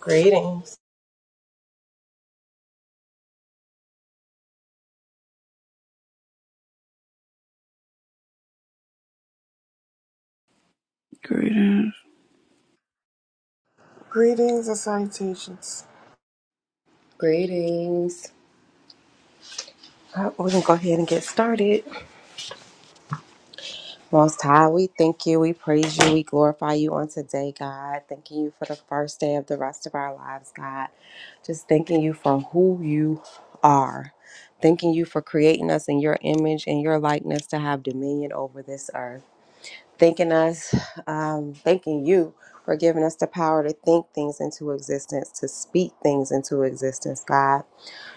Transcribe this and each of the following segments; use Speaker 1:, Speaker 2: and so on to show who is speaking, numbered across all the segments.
Speaker 1: Greetings.
Speaker 2: Greetings.
Speaker 3: Greetings and salutations.
Speaker 1: Greetings. Uh, We're going to go ahead and get started. Most High, we thank you, we praise you, we glorify you on today, God. Thanking you for the first day of the rest of our lives, God. Just thanking you for who you are. Thanking you for creating us in your image and your likeness to have dominion over this earth. Thanking us, um, thanking you for giving us the power to think things into existence, to speak things into existence, God.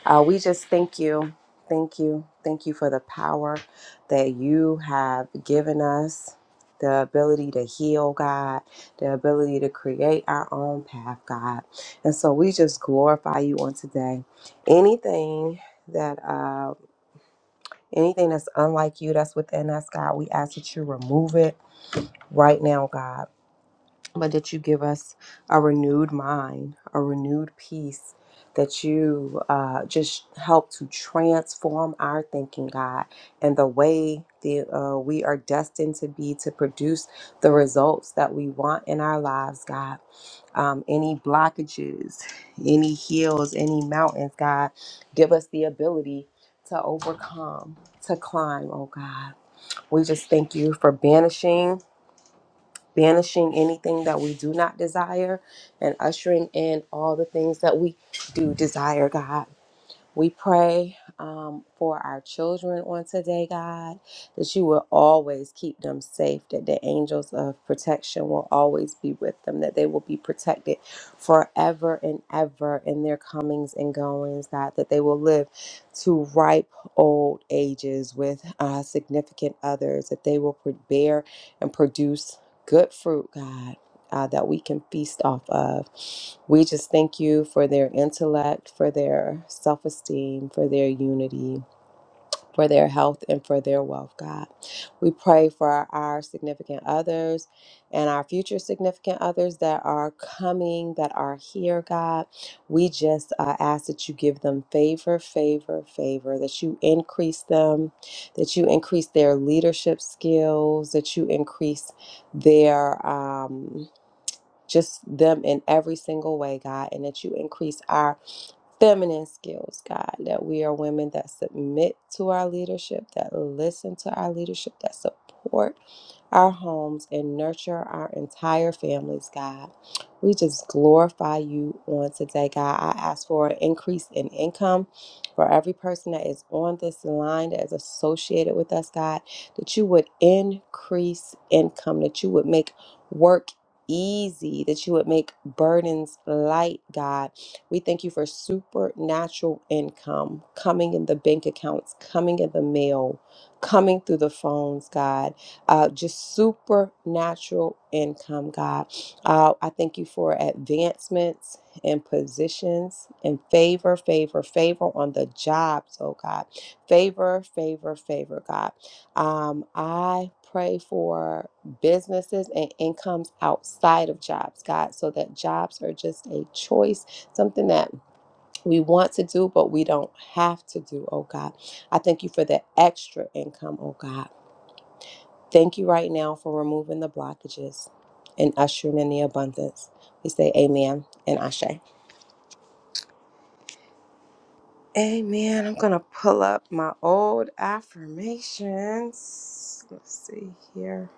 Speaker 1: Uh, we just thank you. Thank you. Thank you for the power that you have given us, the ability to heal, God, the ability to create our own path, God. And so we just glorify you on today. Anything that uh anything that's unlike you that's within us, God, we ask that you remove it right now, God but that you give us a renewed mind, a renewed peace, that you uh, just help to transform our thinking, God, and the way that uh, we are destined to be to produce the results that we want in our lives, God. Um, any blockages, any hills, any mountains, God, give us the ability to overcome, to climb, oh God. We just thank you for banishing banishing anything that we do not desire and ushering in all the things that we do desire, God. We pray um, for our children on today, God, that you will always keep them safe, that the angels of protection will always be with them, that they will be protected forever and ever in their comings and goings, God, that they will live to ripe old ages with uh, significant others, that they will pre- bear and produce good fruit, God uh, that we can feast off of. We just thank you for their intellect, for their self esteem, for their unity, for their health, and for their wealth, God. We pray for our significant others and our future significant others that are coming, that are here, God. We just uh, ask that you give them favor, favor, favor, that you increase them, that you increase their leadership skills, that you increase their. Um, just them in every single way, God, and that you increase our feminine skills, God, that we are women that submit to our leadership, that listen to our leadership, that support our homes and nurture our entire families, God. We just glorify you on today, God. I ask for an increase in income for every person that is on this line that is associated with us, God, that you would increase income, that you would make work easy, that you would make burdens light, God we thank you for supernatural income coming in the bank accounts, coming in the mail, coming through the phones, God. Uh, just supernatural income, God. Uh, I thank you for advancements and positions and favor, favor, favor on the jobs, oh God. Favor, favor, favor, God. Um, I pray for businesses and incomes outside of jobs, God, so that jobs are just a choice something that we want to do, but we don't have to do, oh God. I thank you for the extra income, oh God. Thank you right now for removing the blockages and ushering in the abundance. We say amen and ashe. Amen. I'm going to pull up my old affirmations. Let's see here.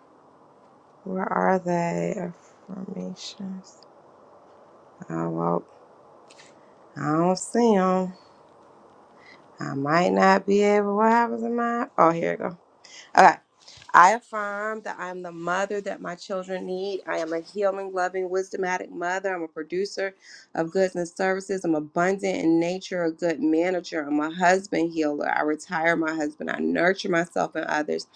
Speaker 1: Where are they? Affirmations. Oh, well, I don't see them. I might not be able. What happens in my? Oh, here we go. Okay. I affirm that I am the mother that my children need. I am a healing, loving, wisdomatic mother. I'm a producer of goods and services. I'm abundant in nature, a good manager. I'm a husband healer. I retire my husband. I nurture myself and others.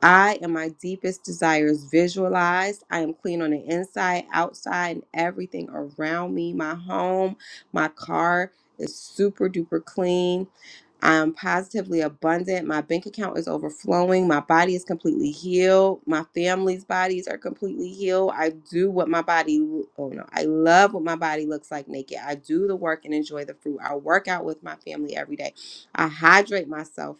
Speaker 1: I am my deepest desires visualized. I am clean on the inside, outside, and everything around me. My home, my car is super duper clean. I am positively abundant. My bank account is overflowing. My body is completely healed. My family's bodies are completely healed. I do what my body, oh no, I love what my body looks like naked. I do the work and enjoy the fruit. I work out with my family every day. I hydrate myself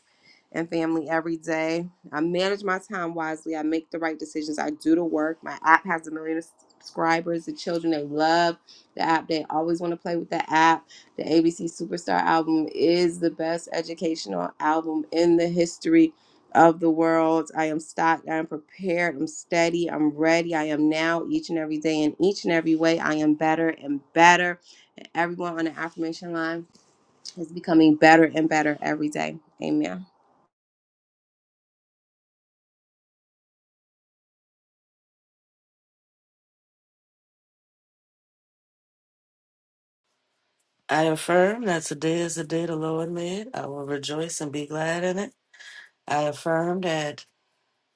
Speaker 1: and family every day. I manage my time wisely. I make the right decisions. I do the work. My app has a million subscribers. The children, they love the app. They always want to play with the app. The ABC Superstar album is the best educational album in the history of the world. I am stocked, I am prepared, I'm steady, I'm ready. I am now each and every day in each and every way. I am better and better. And everyone on the affirmation line is becoming better and better every day. Amen.
Speaker 4: I affirm that today is the day the Lord made. I will rejoice and be glad in it. I affirm that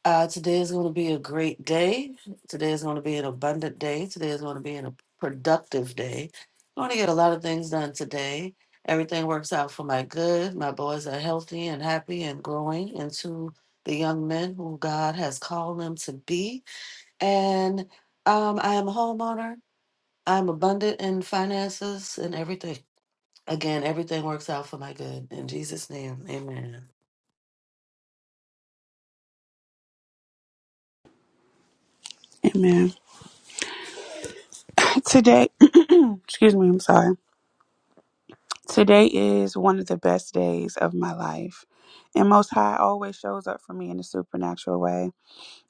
Speaker 4: uh, today is going to be a great day. Today is going to be an abundant day. Today is going to be a productive day. I'm going to get a lot of things done today. Everything works out for my good. My boys are healthy and happy and growing into the young men who God has called them to be. And um, I am a homeowner. I'm abundant in finances and everything. Again, everything works out for my good. In Jesus' name, amen.
Speaker 2: Amen. Today, excuse me, I'm sorry. Today is one of the best days of my life. And Most High always shows up for me in a supernatural way.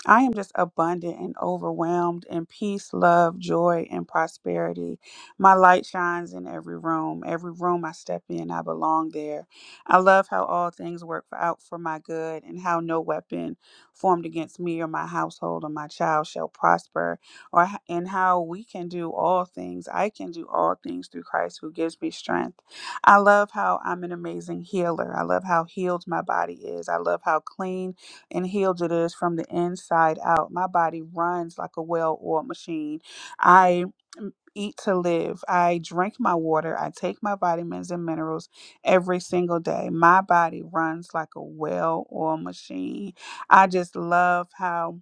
Speaker 2: I am just abundant and overwhelmed in peace, love, joy, and prosperity. My light shines in every room. Every room I step in, I belong there. I love how all things work for, out for my good and how no weapon formed against me or my household or my child shall prosper, or h- and how we can do all things. I can do all things through Christ who gives me strength. I love how I'm an amazing healer. I love how healed my body is. I love how clean and healed it is from the inside out. My body runs like a well oiled machine. I m- eat to live. I drink my water. I take my vitamins and minerals every single day. My body runs like a well oiled machine. I just love how.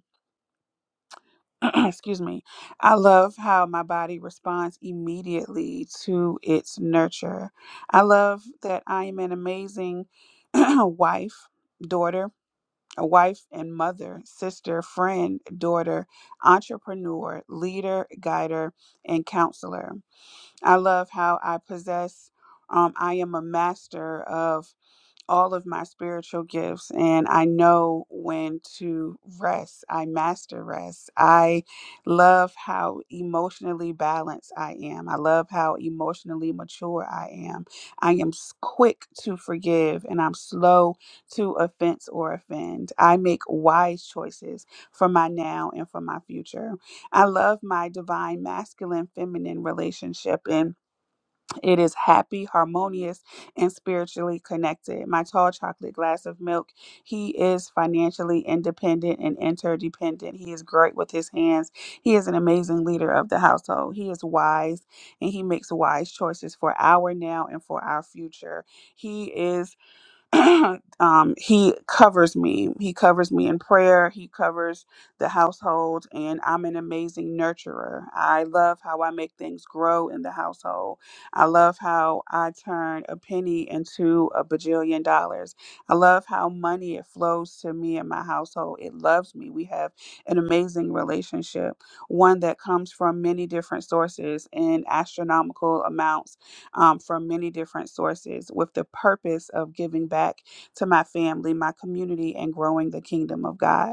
Speaker 2: Excuse me. I love how my body responds immediately to its nurture. I love that I am an amazing wife, daughter, a wife and mother, sister, friend, daughter, entrepreneur, leader, guider, and counselor. I love how I possess, um, I am a master of all of my spiritual gifts and I know when to rest. I master rest. I love how emotionally balanced I am. I love how emotionally mature I am. I am s- quick to forgive and I'm slow to offense or offend. I make wise choices for my now and for my future. I love my divine masculine feminine relationship and. It is happy, harmonious, and spiritually connected. My tall chocolate glass of milk. He is financially independent and interdependent. He is great with his hands. He is an amazing leader of the household. He is wise and he makes wise choices for our now and for our future. He is. um, he covers me. He covers me in prayer. He covers the household, and I'm an amazing nurturer. I love how I make things grow in the household. I love how I turn a penny into a bajillion dollars. I love how money it flows to me and my household. It loves me. We have an amazing relationship, one that comes from many different sources in astronomical amounts um, from many different sources with the purpose of giving back to my family, my community, and growing the kingdom of God.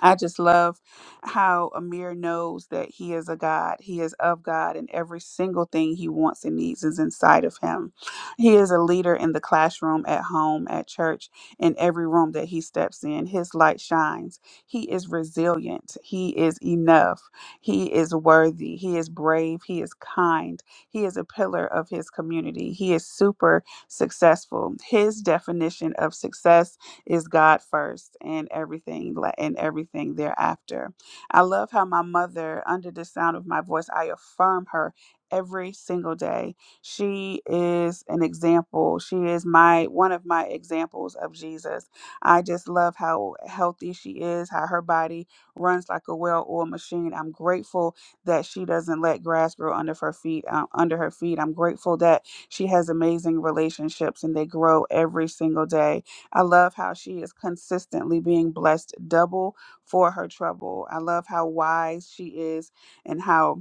Speaker 2: I just love how Amir knows that he is a God. He is of God, and every single thing he wants and needs is inside of him. He is a leader in the classroom, at home, at church, in every room that he steps in. His light shines. He is resilient. He is enough. He is worthy. He is brave. He is kind. He is a pillar of his community. He is super successful. His definition of success is God first and everything la- and everything thereafter. I love how my mother, under the sound of my voice, I affirm her every single day. She is an example. She is my one of my examples of Jesus. I just love how healthy she is, how her body runs like a well-oiled machine. I'm grateful that she doesn't let grass grow under her feet. Um, under her feet, I'm grateful that she has amazing relationships and they grow every single day. I love how she is consistently being blessed double for her trouble. I love how wise she is and how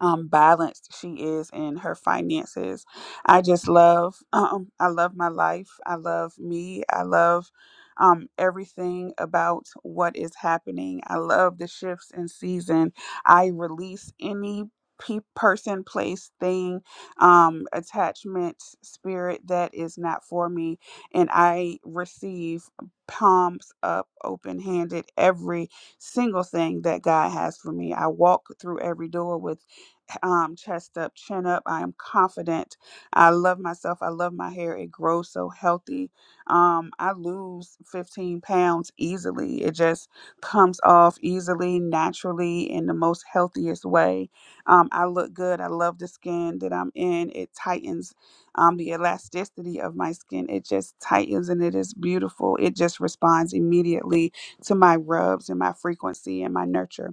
Speaker 2: um, balanced she is in her finances. I just love, um, I love my life. I love me. I love um, everything about what is happening. I love the shifts in season. I release any pe- person, place, thing, um, attachment, spirit that is not for me, and I receive palms up, open handed, every single thing that God has for me. I walk through every door with um, chest up, chin up. I am confident. I love myself. I love my hair. It grows so healthy. Um, I lose 15 pounds easily. It just comes off easily, naturally, in the most healthiest way. Um, I look good. I love the skin that I'm in. It tightens um, the elasticity of my skin. It just tightens and it is beautiful. It just responds immediately to my rubs and my frequency and my nurture.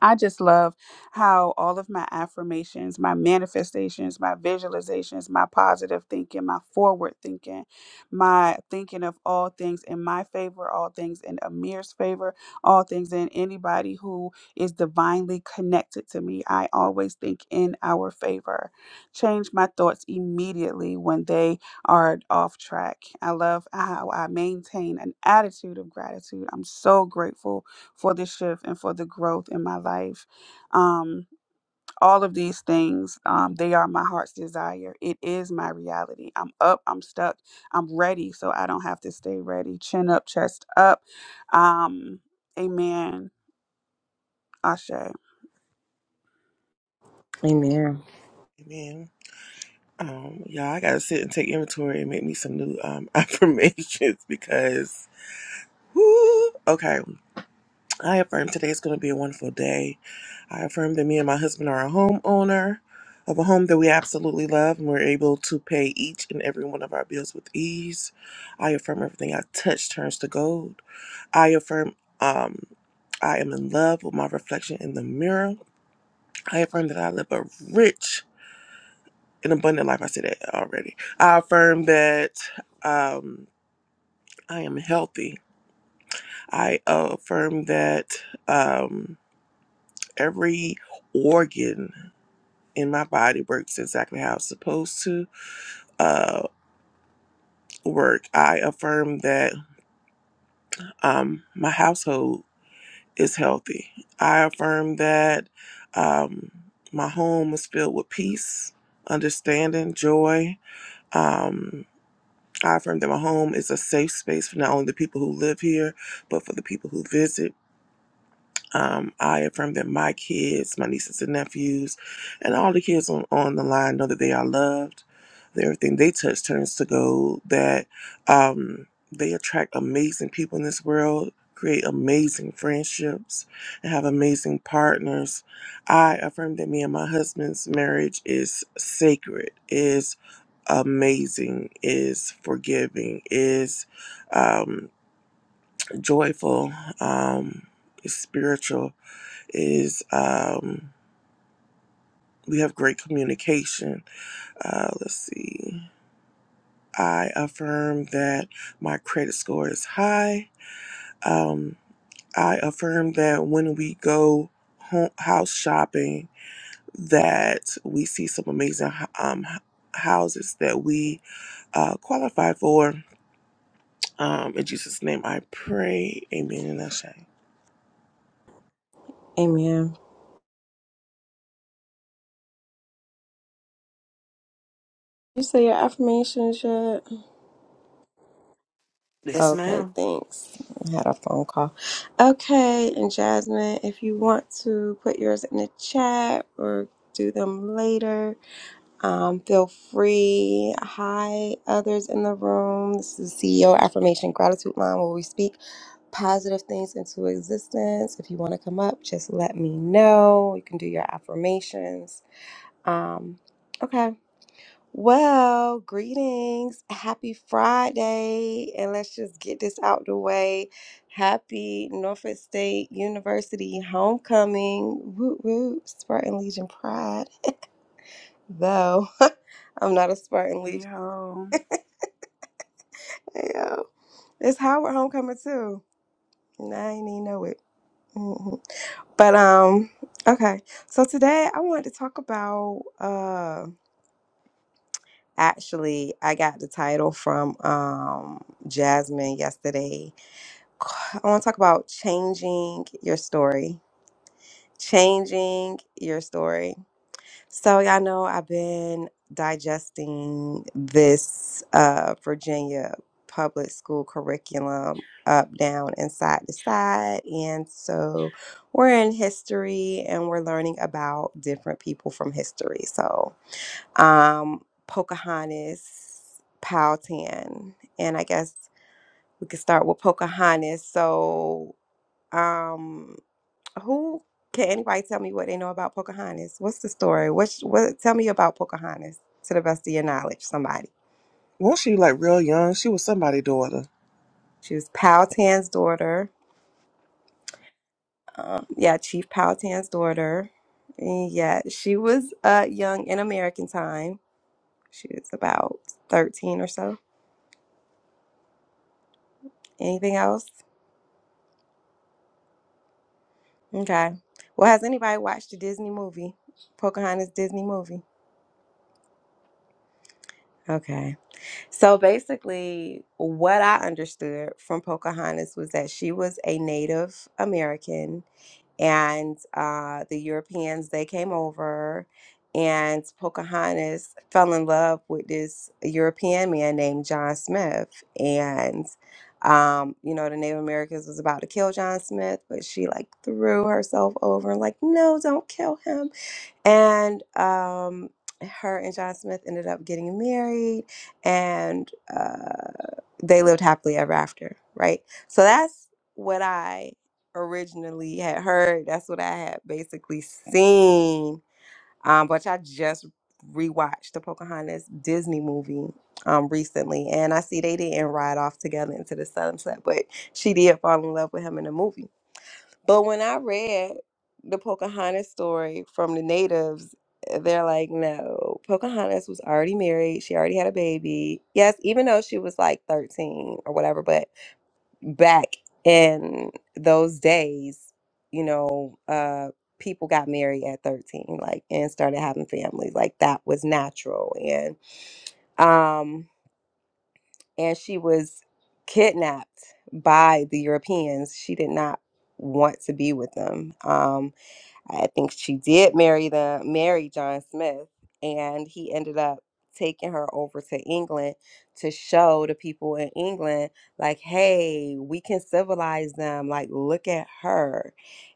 Speaker 2: I just love how all of my affirmations, my manifestations, my visualizations, my positive thinking, my forward thinking, my thinking of all things in my favor, all things in Amir's favor, all things in anybody who is divinely connected to me. I always think in our favor. Change my thoughts immediately when they are off track. I love how I maintain an attitude of gratitude. I'm so grateful for the shift and for the growth in my life. Um, all of these things, um, they are my heart's desire. It is my reality. I'm up, I'm stuck, I'm ready, so I don't have to stay ready. Chin up, chest up. Um, amen. Ashe.
Speaker 1: Amen.
Speaker 3: Amen. Um, y'all, I gotta sit and take inventory and make me some new um affirmations because whoo, okay. I affirm today is gonna be a wonderful day. I affirm that me and my husband are a homeowner of a home that we absolutely love and we're able to pay each and every one of our bills with ease. I affirm everything I touch turns to gold. I affirm um I am in love with my reflection in the mirror. I affirm that I live a rich an abundant life. I said that already. I affirm that um, I am healthy. I affirm that um, every organ in my body works exactly how it's supposed to uh, work. I affirm that um, my household is healthy. I affirm that um, my home is filled with peace, understanding, joy. Um, I affirm that my home is a safe space for not only the people who live here, but for the people who visit. Um, I affirm that my kids, my nieces and nephews, and all the kids on, on the line know that they are loved, that everything they touch turns to gold, that um, they attract amazing people in this world, create amazing friendships, and have amazing partners. I affirm that me and my husband's marriage is sacred, amazing, is forgiving, is um, joyful, um, is spiritual, is um, we have great communication. Uh, let's see. I affirm that my credit score is high. Um, I affirm that when we go home, house shopping, that we see some amazing h- um, h- houses that we uh, qualify for Um, in Jesus' name I pray. Amen and Ashay.
Speaker 1: Amen. You say your affirmations yet?
Speaker 4: Yes,
Speaker 1: Okay,
Speaker 4: ma'am.
Speaker 1: thanks. I had a phone call. Okay, and Jasmine, if you want to put yours in the chat or do them later, um, feel free. Hi, others in the room. This is CEO Affirmation Gratitude Line where we speak positive things into existence. If you want to come up, just let me know. You can do your affirmations. Um, okay. Well, greetings. Happy Friday. And let's just get this out the way. Happy Norfolk State University homecoming. Woot woot. Spartan Legion Pride. Though I'm not a Spartan Legion.
Speaker 2: Behold.
Speaker 1: Yeah. It's Howard homecoming too. And I ain't even know it. Mhm. But um, okay. So today I wanted to talk about uh actually I got the title from um Jasmine yesterday I want to talk about changing your story. Changing your story. So, y'all know I've been digesting this uh, Virginia public school curriculum up, down, and side to side. And so, we're in history and we're learning about different people from history. So, um, Pocahontas, Powhatan, and I guess we could start with Pocahontas. So, um, who can anybody tell me what they know about Pocahontas? What's the story? What's what? Tell me about Pocahontas to the best of your knowledge. Somebody.
Speaker 3: Won't she like real young? She was somebody's daughter.
Speaker 1: She was Powhatan's daughter. Um, yeah, Chief Powhatan's daughter. And yeah, she was uh, young in American time. She was about thirteen or so. Anything else? Okay. Well, has anybody watched the Disney movie? Pocahontas Disney movie. Okay. So basically, what I understood from Pocahontas was that she was a Native American, and uh, the Europeans they came over, and Pocahontas fell in love with this European man named John Smith, and um, you know the Native Americans was about to kill John Smith, but she like threw herself over and like, no, don't kill him and um, her and John Smith ended up getting married, and uh, they lived happily ever after, right? So that's what I originally had heard. That's what I had basically seen. Um, but I just rewatched the Pocahontas Disney movie um recently, and I see they didn't ride off together into the sunset, but she did fall in love with him in the movie. But when I read the Pocahontas story from the natives, eh, they're like, no, Pocahontas was already married. She already had a baby. Yes, even though she was like 13 or whatever, but back in those days, you know, uh, people got married at 13 like and started having families like that was natural and um and she was kidnapped by the europeans she did not want to be with them um I think she did marry the marry John Smith, and he ended up taking her over to England to show the people in England, like, hey, we can civilize them. Like, look at her.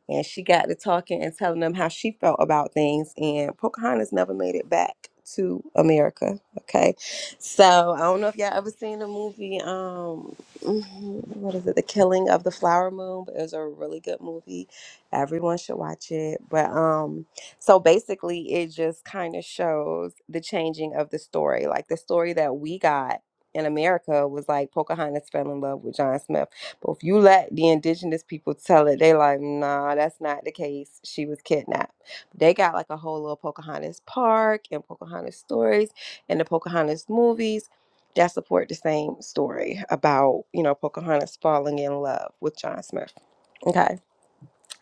Speaker 1: And she got to talking and telling them how she felt about things. And Pocahontas never made it back to America. Okay. So I don't know if y'all ever seen the movie, um, mm-hmm, what is it, The Killing of the Flower Moon, but it was a really good movie everyone should watch it but um so basically it just kind of shows the changing of the story like the story that we got in america was like pocahontas fell in love with john smith but if you let the indigenous people tell it they like nah that's not the case she was kidnapped they got like a whole little pocahontas park and pocahontas stories and the pocahontas movies that support the same story about you know pocahontas falling in love with john smith okay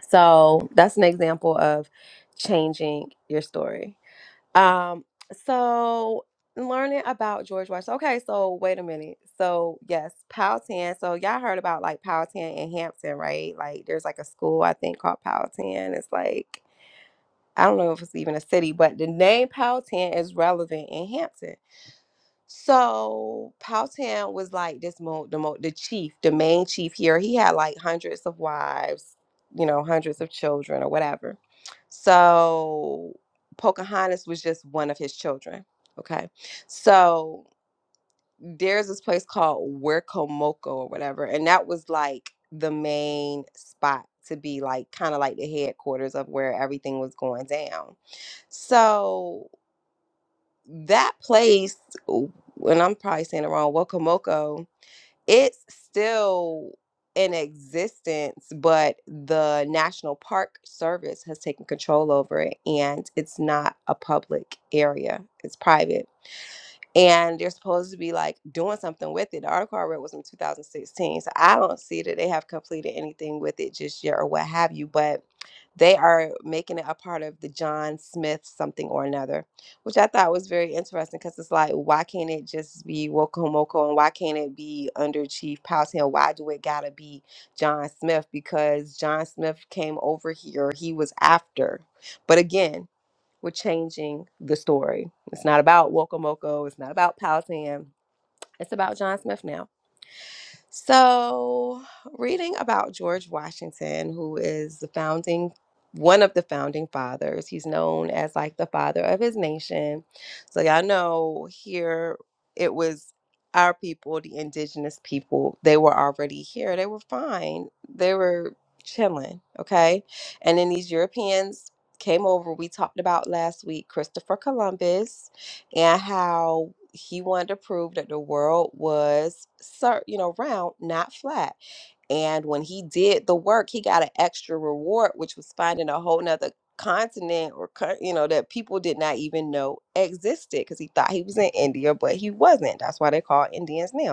Speaker 1: so that's an example of changing your story. Um, so learning about George Washington. Okay, so wait a minute. So yes, Powhatan. So y'all heard about like Powhatan in Hampton, right? Like there's like a school I think called Powhatan. It's like I don't know if it's even a city, but the name Powhatan is relevant in Hampton. So Powhatan was like this mo the mo the chief, the main chief here. He had like hundreds of wives, you know, hundreds of children or whatever. So Pocahontas was just one of his children. Okay. So there's this place called Wircomoco or whatever, and that was like the main spot to be like kind of like the headquarters of where everything was going down. So that place, and I'm probably saying it wrong, Wakomoko, it's still in existence, but the National Park Service has taken control over it and it's not a public area. It's private and they're supposed to be like doing something with it. The article I read was in 2016, so I don't see that they have completed anything with it just yet or what have you, but they are making it a part of the John Smith something or another, which I thought was very interesting because it's like, why can't it just be Wokomoko, and why can't it be under Chief Powell? And Why do it gotta be John Smith? Because John Smith came over here, he was after. But again, we're changing the story. It's not about Wokomoco. It's not about Powhatan. It's about John Smith now. So, reading about George Washington, who is the founding one of the founding fathers, he's known as like the father of his nation. So, y'all know here it was our people, the indigenous people, they were already here. They were fine. They were chilling, okay? And then these Europeans came over. We talked about last week Christopher Columbus and how he wanted to prove that the world was cir- you know round not flat and when he did the work he got an extra reward which was finding a whole nother continent or co- you know that people did not even know existed because he thought he was in india but he wasn't that's why they call indians now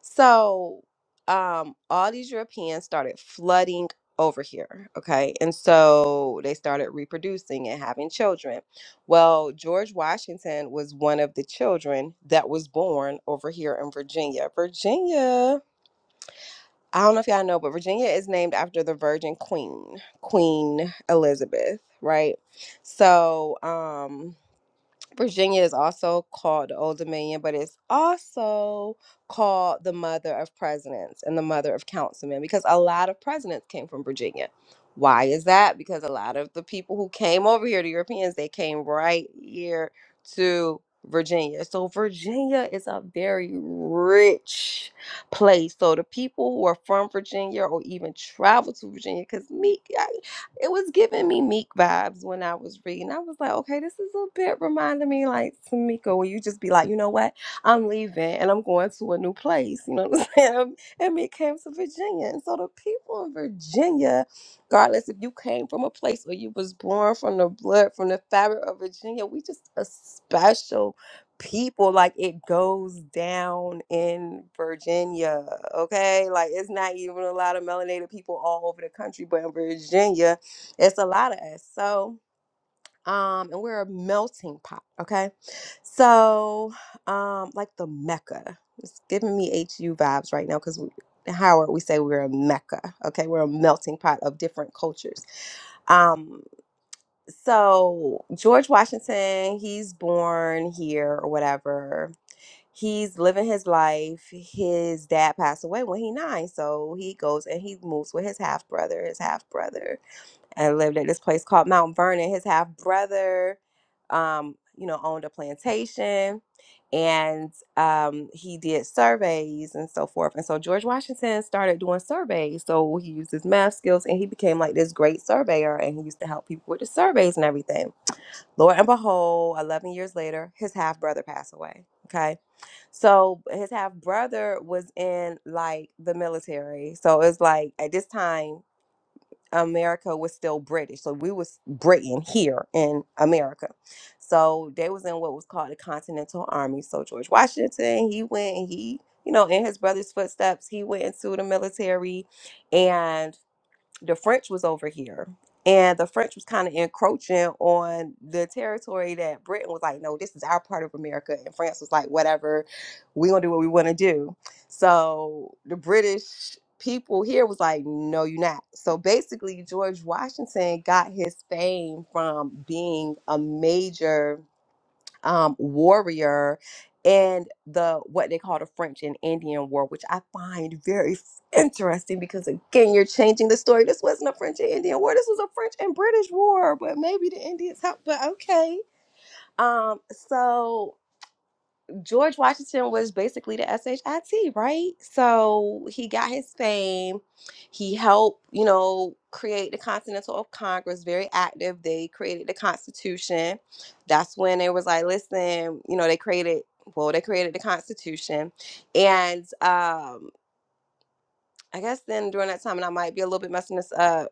Speaker 1: so, um, all these Europeans started flooding over here, okay? And so they started reproducing and having children. Well, George Washington was one of the children that was born over here in Virginia. Virginia, I don't know if y'all know, but Virginia is named after the Virgin Queen, Queen Elizabeth, right? So, um, Virginia is also called the Old Dominion, but it's also called the mother of presidents and the mother of councilmen because a lot of presidents came from Virginia. Why is that? Because a lot of the people who came over here, the Europeans, they came right here to Virginia. So Virginia is a very rich place. So the people who are from Virginia or even travel to Virginia, because me, it was giving me Meek vibes when I was reading. I was like, okay, this is a bit reminding me like Tamika, where you just be like, you know what? I'm leaving and I'm going to a new place. You know what I'm saying? Um, And Meek came to Virginia. And so the people in Virginia, regardless if you came from a place or you was born from the blood, from the fabric of Virginia, we just a special people like it goes down in Virginia. Okay. Like it's not even a lot of melanated people all over the country, but in Virginia, it's a lot of us. So, um, and we're a melting pot, okay? So, um, like the Mecca. It's giving me HU vibes right now because Howard, we say we're a Mecca, okay? We're a melting pot of different cultures. Um, so George Washington, he's born here or whatever. He's living his life. His dad passed away when he nine, so he goes and he moves with his half brother. His half brother and lived at this place called Mount Vernon. His half brother, um, you know, owned a plantation and um, he did surveys and so forth. And so George Washington started doing surveys. So he used his math skills and he became like this great surveyor and he used to help people with the surveys and everything. Lord and behold, 11 years later, his half brother passed away. Okay. So his half brother was in like the military. So it's like at this time, America was still British. So we was Britain here in America. So they was in what was called the Continental Army. So George Washington, he went and he, you know, in his brother's footsteps, he went into the military. And the French was over here, and the French was kind of encroaching on the territory that Britain was like, no, this is our part of America, and France was like, whatever, we gonna do what we want to do. So the British people here was like, no, you're not. So basically, George Washington got his fame from being a major um, warrior and the what they call the French and Indian War, which I find very f- interesting because again, you're changing the story. This wasn't a French and Indian War. This was a French and British War, but maybe the Indians helped. But okay. Um, so George Washington was basically the SHIT, right? So he got his fame. He helped, you know, create the Continental Congress, very active. They created the Constitution. That's when they was like, listen, you know, they created, well, they created the Constitution. And um, I guess then during that time, and I might be a little bit messing this up,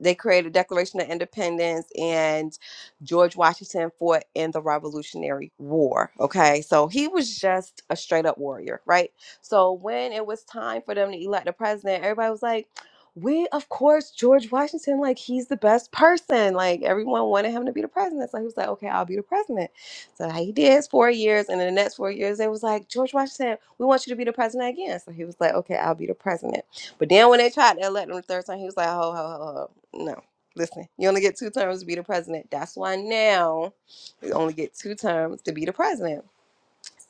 Speaker 1: they created Declaration of Independence and George Washington fought in the Revolutionary War. Okay, so he was just a straight up warrior, right? So when it was time for them to elect a president, everybody was like, "We, of course, George Washington, like he's the best person." Like everyone wanted him to be the president, so he was like, "Okay, I'll be the president." So he did his four years, and in the next four years, they was like, "George Washington, we want you to be the president again." So he was like, "Okay, I'll be the president." But then when they tried to elect him the third time, he was like, "Ho ho ho ho!" no. Listen, you only get two terms to be the president. That's why now you only get two terms to be the president.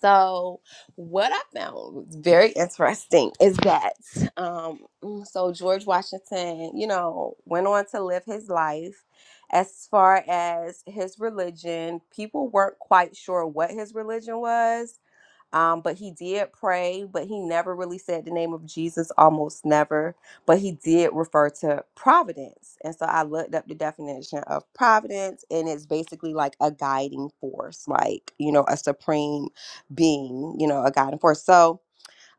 Speaker 1: So, what I found was very interesting is that, um, mm, so George Washington, you know, went on to live his life. As far as his religion, people weren't quite sure what his religion was um, but he did pray, but he never really said the name of Jesus, almost never. But he did refer to providence. And so I looked up the definition of providence, and it's basically like a guiding force, like, you know, a supreme being, you know, a guiding force. So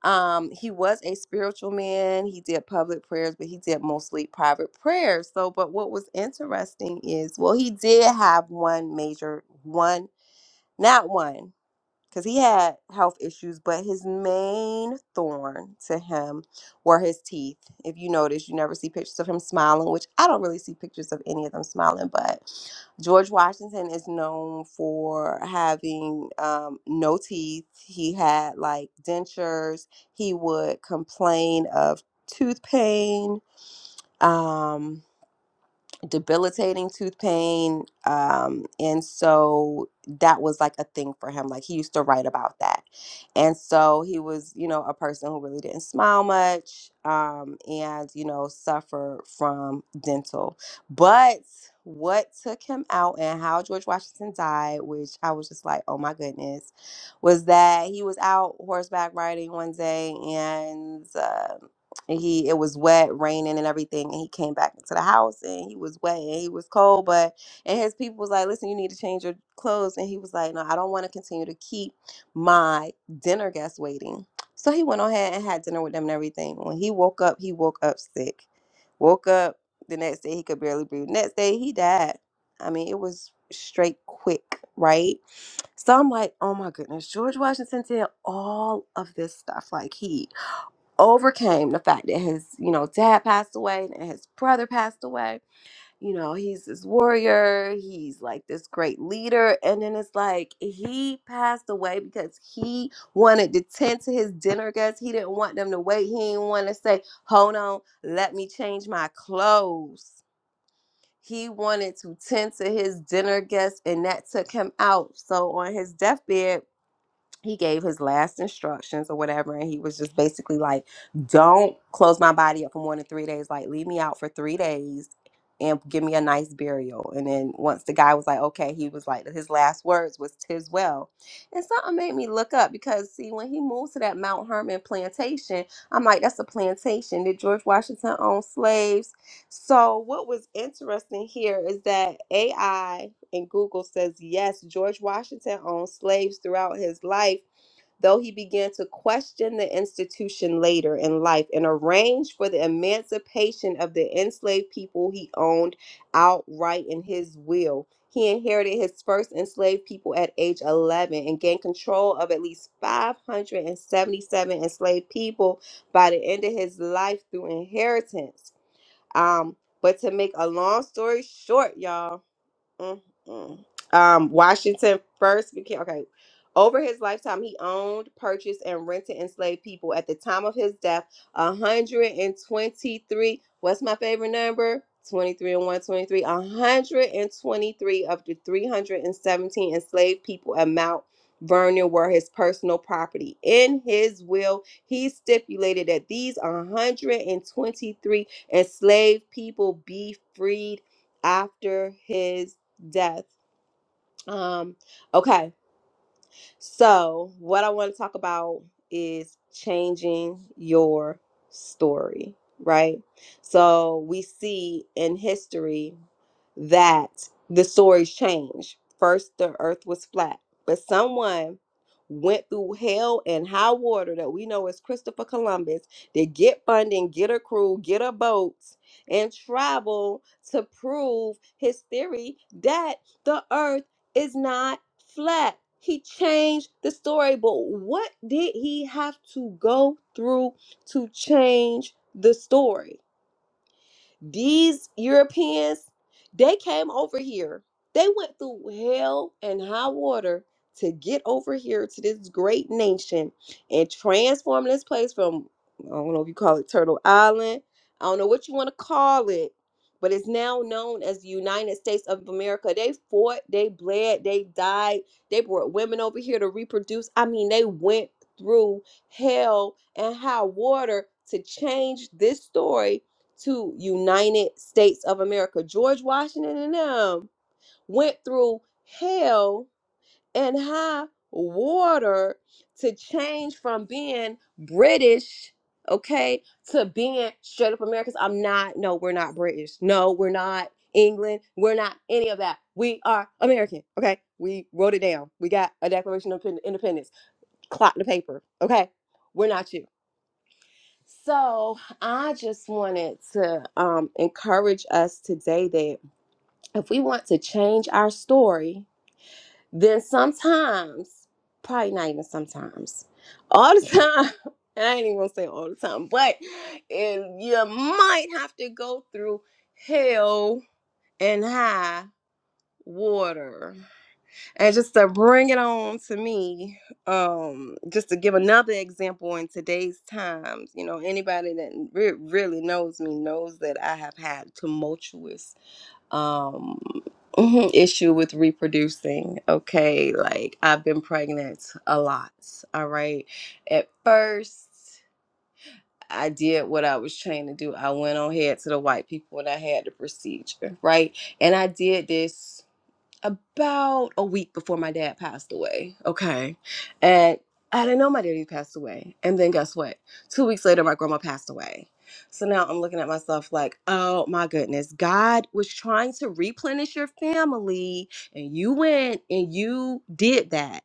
Speaker 1: um, he was a spiritual man. He did public prayers, but he did mostly private prayers. So, but what was interesting is, well, he did have one major, one, not one because he had health issues, but his main thorn to him were his teeth. If you notice, you never see pictures of him smiling, which I don't really see pictures of any of them smiling, but George Washington is known for having um, no teeth. He had like dentures. He would complain of tooth pain. Um, debilitating tooth pain. Um, and so that was like a thing for him. Like he used to write about that. And so he was, you know, a person who really didn't smile much um, and, you know, suffered from dental. But what took him out and how George Washington died, which I was just like, oh my goodness, was that he was out horseback riding one day and uh, and he it was wet raining and everything and he came back into the house and he was wet and he was cold but and his people was like listen you need to change your clothes and he was like no i don't want to continue to keep my dinner guests waiting so he went on ahead and had dinner with them and everything when he woke up he woke up sick woke up the next day he could barely breathe next day he died i mean it was straight quick right so i'm like oh my goodness george washington did all of this stuff like he overcame the fact that his, you know, dad passed away and his brother passed away. You know, he's this warrior, he's like this great leader. And then it's like he passed away because he wanted to tend to his dinner guests. He didn't want them to wait. He didn't want to say, hold on, let me change my clothes. He wanted to tend to his dinner guests, and that took him out. So on his deathbed, he gave his last instructions or whatever and he was just basically like don't close my body up for more than three days like leave me out for three days and give me a nice burial and then once the guy was like okay he was like his last words was tis well and something made me look up because see when he moved to that mount hermon plantation i'm like that's a plantation did george washington own slaves so, what was interesting here is that AI and Google says, yes, George Washington owned slaves throughout his life, though he began to question the institution later in life and arranged for the emancipation of the enslaved people he owned outright in his will. He inherited his first enslaved people at age 11 and gained control of at least 577 enslaved people by the end of his life through inheritance. Um, but to make a long story short, y'all. Mm-mm. Um, Washington first became okay. Over his lifetime, he owned, purchased, and rented enslaved people. At the time of his death, 123. What's my favorite number? 23 and 123. 123 of the 317 enslaved people at Mount Vernon were his personal property. In his will, he stipulated that these 123 enslaved people be freed after his death. Um, okay, so what I want to talk about is changing your story, right? So we see in history that the stories change. First, the earth was flat, but someone went through hell and high water that we know as Christopher Columbus to get funding, get a crew, get a boat, and travel to prove his theory that the earth is not flat. He changed the story, but what did he have to go through to change the story? These Europeans, they came over here. They went through hell and high water to get over here to this great nation and transform this place from, I don't know if you call it Turtle Island. I don't know what you want to call it, but it's now known as the United States of America. They fought, they bled, they died. They brought women over here to reproduce. I mean, they went through hell and high water to change this story to United States of America. George Washington and them went through hell and high water to change from being British, okay, to being straight up Americans. I'm not, no, we're not British. No, we're not England. We're not any of that. We are American, okay? We wrote it down. We got a Declaration of Independence. Clock the paper, okay? We're not you. So I just wanted to um, encourage us today that if we want to change our story, then sometimes, probably not even sometimes, all the time, and I ain't even gonna say all the time, but and you might have to go through hell and high water. And just to bring it on to me, um, just to give another example in today's times, you know, anybody that re- really knows me knows that I have had tumultuous um, mhm, issue with reproducing. Okay, like I've been pregnant a lot. All right, at first. I did what I was trained to do. I went on head to the white people and I had the procedure, right? And I did this about a week before my dad passed away. Okay. And I didn't know my daddy passed away. And then guess what? Two weeks later, my grandma passed away. So now I'm looking at myself like, oh my goodness, God was trying to replenish your family and you went and you did that.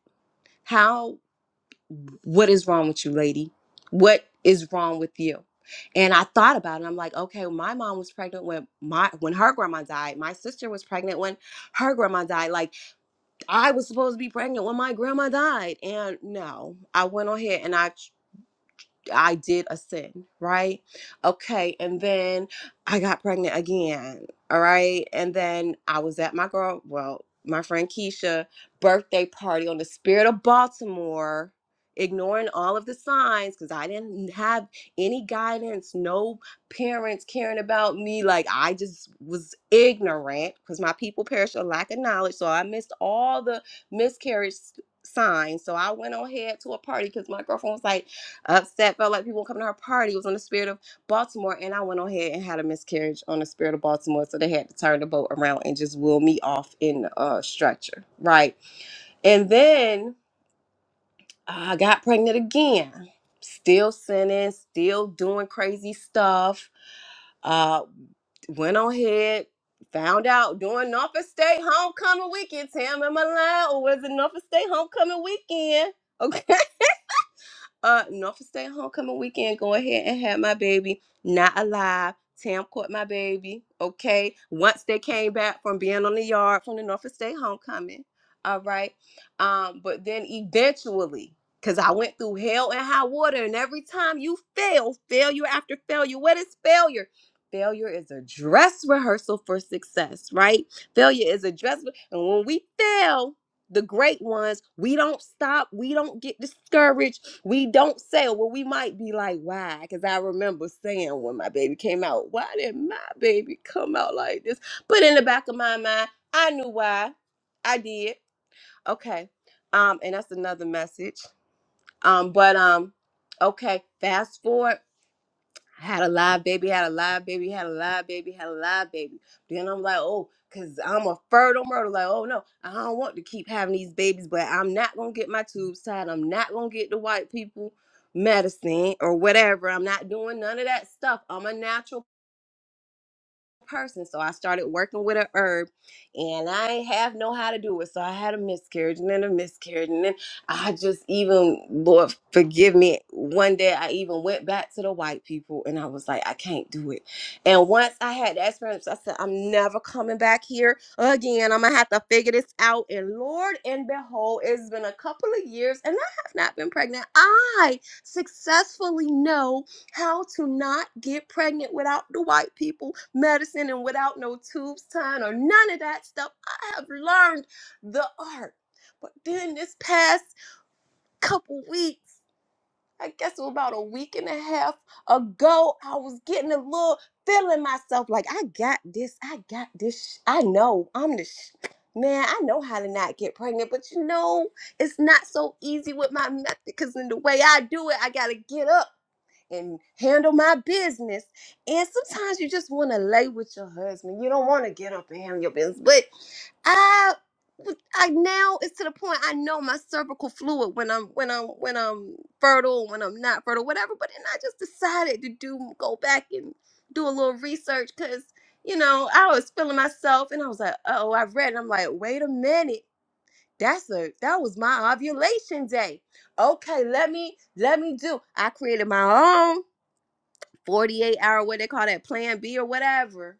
Speaker 1: How, what is wrong with you, lady? What is wrong with you? And I thought about it. I'm like, okay, my mom was pregnant when my when her grandma died. My sister was pregnant when her grandma died. Like I was supposed to be pregnant when my grandma died. And no, I went on here and I I did a sin, right? Okay, and then I got pregnant again, all right? And then I was at my girl, well, my friend Keisha birthday party on the Spirit of Baltimore, ignoring all of the signs cuz I didn't have any guidance, no parents caring about me, like I just was ignorant cuz my people perished for lack of knowledge, so I missed all the miscarriage s- signs. So I went on ahead to a party cuz my girlfriend was like upset, felt like people won't come to her party. It was on the spirit of Baltimore, and I went on ahead and had a miscarriage on the spirit of Baltimore. So they had to turn the boat around and just wheel me off in a stretcher, right? And then I got pregnant again, still sinning, still doing crazy stuff. Uh, went on ahead. Found out during Norfolk State homecoming weekend, Tam am I and or was a Norfolk State homecoming weekend. Okay. Uh, Norfolk State Homecoming weekend. Go ahead and have my baby. Not alive. Tam caught my baby. Okay. Once they came back from being on the yard from the Norfolk State Homecoming. All right. Um, but then eventually, because I went through hell and high water, and every time you fail, failure after failure, what is failure? Failure is a dress rehearsal for success, right? Failure is a dress. And when we fail, the great ones, we don't stop. We don't get discouraged. We don't say, well, we might be like, why? Because I remember saying when my baby came out, why did my baby come out like this? But in the back of my mind, I knew why. I did. Okay. Um, and that's another message. Um, but um, okay, fast forward had a live baby, had a live baby, had a live baby, had a live baby. Then I'm like, oh, because I'm a fertile murder. Like, oh no, I don't want to keep having these babies, but I'm not going to get my tubes tied. I'm not going to get the white people medicine or whatever. I'm not doing none of that stuff. I'm a natural person. So I started working with a herb and I ain't have know how to do it. So I had a miscarriage and then a miscarriage. And then I just even, Lord, forgive me. One day I even went back to the white people and I was like, I can't do it. And once I had that experience, I said, I'm never coming back here again. I'm going to have to figure this out. And Lord and behold, it's been a couple of years and I have not been pregnant. I successfully know how to not get pregnant without the white people medicine and without no tubes tying or none of that stuff. I have learned the art. But then this past couple weeks, I guess it was about a week and a half ago, I was getting a little feeling myself like I got this, I got this. sh- I know I'm the sh- man. I know how to not get pregnant, but you know it's not so easy with my method because in the way I do it, I gotta get up and handle my business. And sometimes you just want to lay with your husband. You don't want to get up and handle your business. But I I now it's to the point I know my cervical fluid when I'm when I'm when I'm fertile, when I'm not fertile, whatever. But then I just decided to do go back and do a little research because you know I was feeling myself and I was like, oh, I read and I'm like, wait a minute. That's a that was my ovulation day. Okay, let me let me do. I created my own. 48 hour, what they call that, plan B or whatever.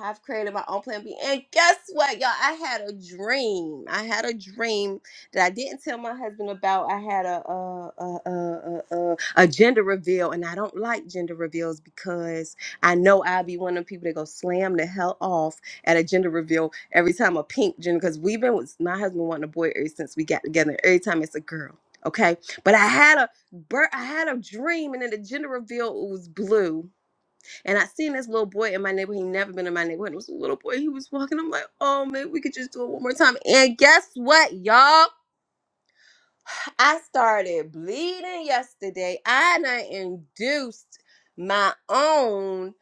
Speaker 1: I've created my own plan B. And guess what, y'all? I had a dream. I had a dream that I didn't tell my husband about. I had a a a a, a, a gender reveal, and I don't like gender reveals because I know I'll be one of the people that go slam the hell off at a gender reveal every time a pink gender. Because we've been with my husband wanting a boy ever since we got together. Every time it's a girl. Okay, but I had a birth. I had a dream, and then the gender reveal was blue and I seen this little boy in my neighborhood. He never been in my neighborhood. It was a little boy. He was walking. I'm like, oh, maybe we could just do it one more time. And guess what, y'all? I started bleeding yesterday. I done induced my own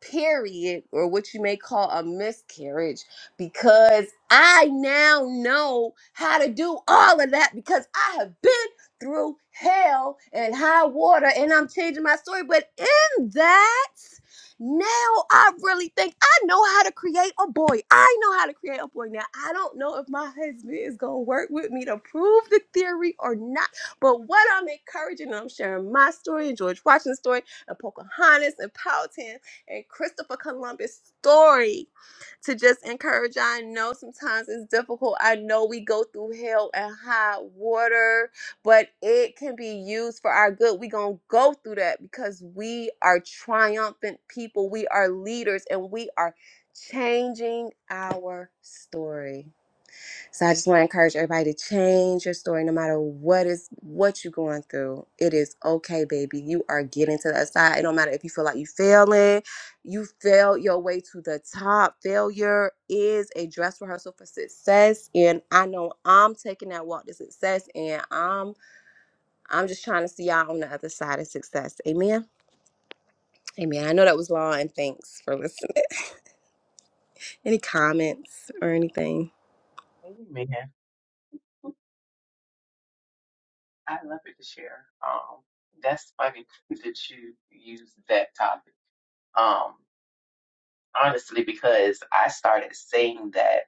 Speaker 1: period, or what you may call a miscarriage, because I now know how to do all of that because I have been through hell and high water and I'm changing my story. But in that, now I really think I know how to create a boy. I know how to create a boy. Now I don't know if my husband is gonna work with me to prove the theory or not. But what I'm encouraging, and I'm sharing my story and George Washington's story and Pocahontas and Powhatan and Christopher Columbus' story to just encourage. I know sometimes it's difficult. I know we go through hell and high water but it can be used for our good. We're going to go through that because we are triumphant people. We are leaders and we are changing our story. So I just want to encourage everybody to change your story no matter what is what you're going through. It is okay, baby. You are getting to the side. It don't matter if you feel like you failing. You failed your way to the top. Failure is a dress rehearsal for success. And I know I'm taking that walk to success and I'm I'm just trying to see y'all on the other side of success. Amen. Amen. I know that was long, and thanks for listening. Any comments or anything?
Speaker 5: Amen. I love it to share. Um, that's funny that you use that topic. Um, honestly, because I started saying that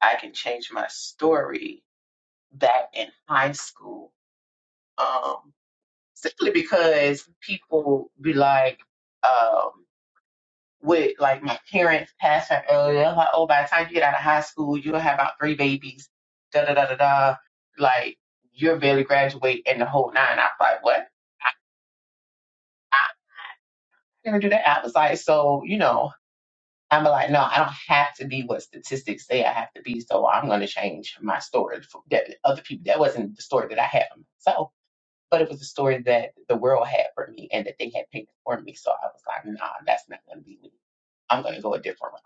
Speaker 5: I can change my story back in high school. Um, simply because people be like, um, with like my parents passing earlier, they're like, oh, by the time you get out of high school, you'll have about three babies. Da da da da da. Like you're barely graduate and the whole nine. I was like, what? I never do that. I was like, so, you know, I'm like, no, I don't have to be what statistics say I have to be. So I'm going to change my story for that other people. That wasn't the story that I had for myself, but it was the story that the world had for me and that they had painted for me. So I was like, nah, that's not going to be me. I'm going to go a different route.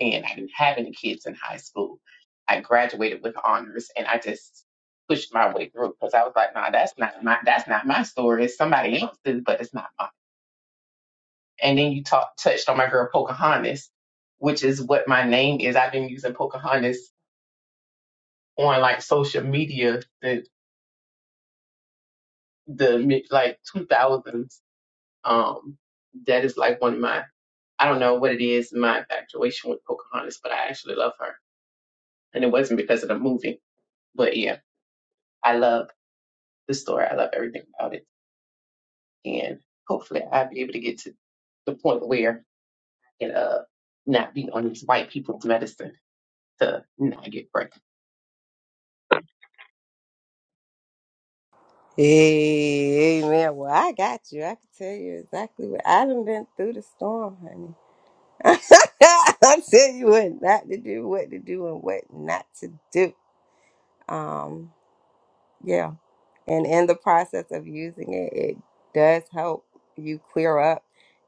Speaker 5: And I didn't have any kids in high school. I graduated with honors and I just pushed my way through because I was like, nah, that's not my, that's not my story. It's somebody else's, but it's not And then you talk, touched on my girl Pocahontas, which is what my name is. I've been using Pocahontas on like social media the the mid like 2000s. Um, that is like one of my I don't know what it is my infatuation with Pocahontas, but I actually love her, and it wasn't because of the movie. But yeah, I love the story. I love everything about it, and hopefully I'll be able to get to the point where I can uh not be on these white people's medicine to not get pregnant.
Speaker 1: Hey, man. Well, I got you. I can tell you exactly what I done been through the storm, honey. I tell you what not to do, what to do, and what not to do. Um, yeah. and in the process of using it it does help you clear up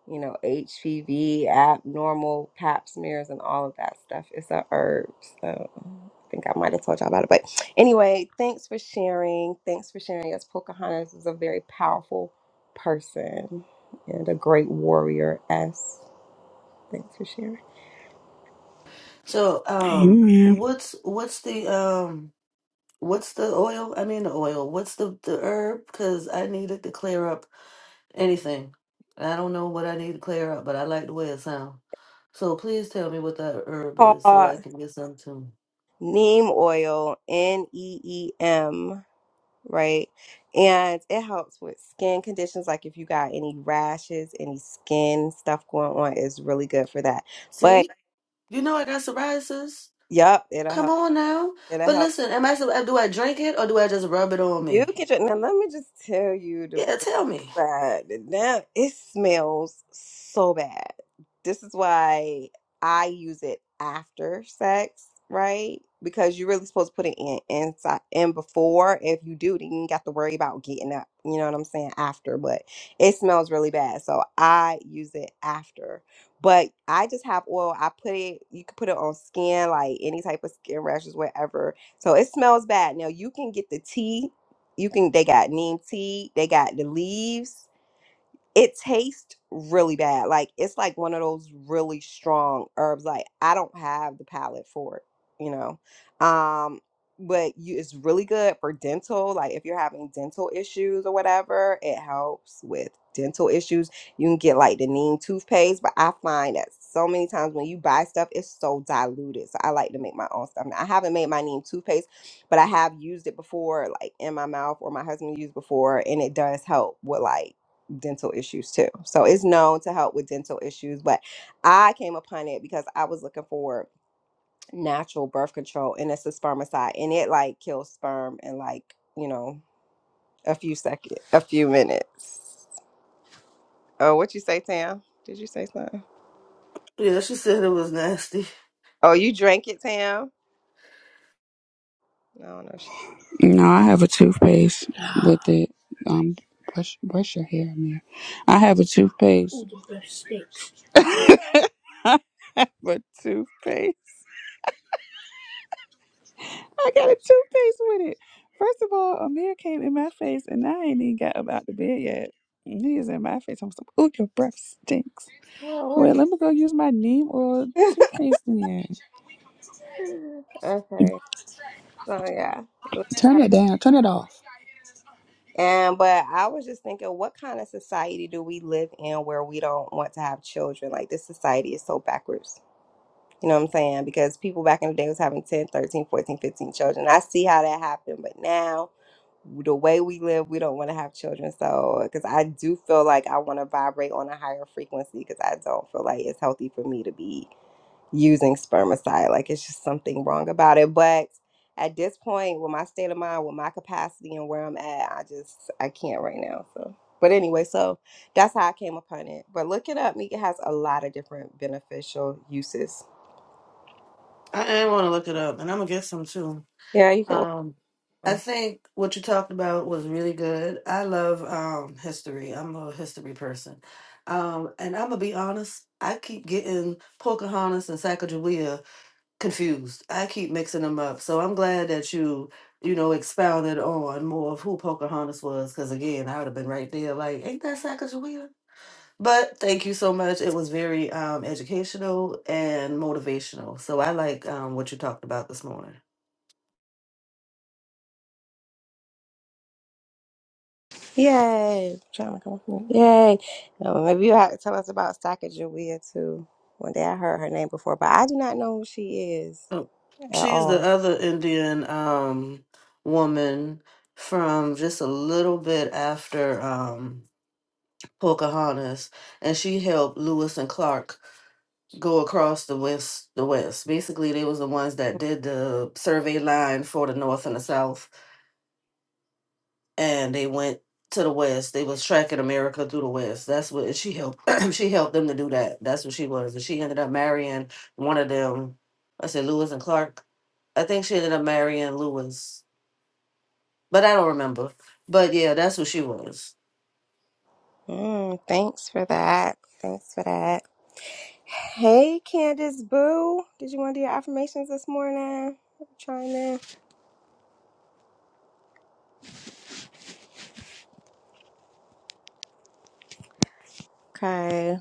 Speaker 1: you know hpv abnormal pap smears and all of that stuff it's a herb so i think i might have told y'all about it but anyway thanks for sharing thanks for sharing yes pocahontas is a very powerful person and a great warrior as thanks for sharing
Speaker 4: So, um,
Speaker 2: Amen.
Speaker 4: what's what's the um what's the oil? I mean the oil. What's the the herb? Because I needed to clear up anything. I don't know what I need to clear up, but I like the way it sounds. So please tell me what that herb is so
Speaker 1: uh,
Speaker 4: I can get some too.
Speaker 1: neem oil n-e-e-m right? And it helps with skin conditions, like if you got any rashes, any skin stuff going on, is really good for that. But
Speaker 4: See? You know I got psoriasis.
Speaker 1: yep, it'll
Speaker 4: Come
Speaker 1: help.
Speaker 4: on now.
Speaker 1: It'll
Speaker 4: But
Speaker 1: help
Speaker 4: listen, am I sup- do I drink it or do I just rub it on
Speaker 1: you
Speaker 4: me?
Speaker 1: get your. Now let me just tell you,
Speaker 4: Yeah, tell me.
Speaker 1: bad. Now it smells so bad. This is why I use it after sex, right? Because you're really supposed to put it in inside in before. If you do, then you ain't got to worry about getting up. You know what I'm saying? After, but it smells really bad. So I use it after. But I just have oil. I put it, you can put it on skin, like any type of skin rashes, whatever. So it smells bad. Now you can get the tea you can they got neem tea, they got the leaves it tastes really bad. Like it's like one of those really strong herbs. Like I don't have the palate for it, you know. Um, but you, it's really good for dental. Like if you're having dental issues or whatever, it helps with dental issues. You can get like the neem toothpaste, but I find that so many times when you buy stuff, it's so diluted. So I like to make my own stuff. Now, I haven't made my neem toothpaste but I have used it before, like in my mouth, or my husband used before, and it does help with like dental issues too. So it's known to help with dental issues, but I came upon it because I was looking for natural birth control and it's a spermicide and it like kills sperm in like, you know, a few seconds, a few minutes. Oh, what you say, Tam? Did you say something?
Speaker 4: Yeah, she said it was nasty.
Speaker 1: Oh, you drank it, Tam? No, no, she.
Speaker 2: No, I have a toothpaste with it. Um, brush, brush your hair, man. I have a toothpaste. I have a toothpaste. I got a toothpaste with it. First of all, Amir came in my face and I ain't even got up out the bed yet. And He is in my face. I'm like, ooh, your breath stinks.
Speaker 1: No,
Speaker 2: Well,
Speaker 1: wait.
Speaker 2: let me go use my neem oil toothpaste then.
Speaker 1: okay. So yeah.
Speaker 2: Turn it down. Turn it off.
Speaker 1: And but I was just thinking, what kind of society do we live in where we don't want to have children? Like this society is so backwards You know what I'm saying? Because people back in the day was having 10, 13, 14, 15 children. I see how that happened, but now the way we live, we don't want to have children. So, because I do feel like I want to vibrate on a higher frequency because I don't feel like it's healthy for me to be using spermicide. Like, it's just something wrong about it. But at this point, with my state of mind, with my capacity and where I'm at, I just, I can't right now. So, but anyway, so that's how I came upon it. But look it up. Mika has a lot of different beneficial uses.
Speaker 4: I, I want to look it up, and I'm gonna get some too.
Speaker 1: Yeah, you can
Speaker 4: Um, I think what you talked about was really good. I love um history. I'm a history person, um, and I'm gonna be honest. I keep getting Pocahontas and Sacagawea confused. I keep mixing them up. So I'm glad that you, you know, expounded on more of who Pocahontas was, because again, I would have been right there, like, ain't that Sacagawea? But thank you so much. It was very um, educational and motivational. So I like um, what you talked about this morning.
Speaker 1: Yay! Trying to come up with- Yay! Um, maybe you have to tell us about Sacagawea too. One day I heard her name before, but I do not know who she is
Speaker 4: Oh,
Speaker 1: at
Speaker 4: she's the
Speaker 1: all.
Speaker 4: other Indian um, woman from just a little bit after um, Pocahontas, and she helped Lewis and Clark go across the west. The west, basically, they was the ones that did the survey line for the North and the South. and they went to the west. They was tracking America through the west. That's what and she helped. she helped them to do that. That's what she was. And she ended up marrying one of them. I said Lewis and Clark. I think she ended up marrying Lewis, but I don't remember. But yeah, that's what she was.
Speaker 1: Mm, thanks for that. Thanks for that. Hey, Candace Boo, did you want to do your affirmations this morning? Trying to. Okay.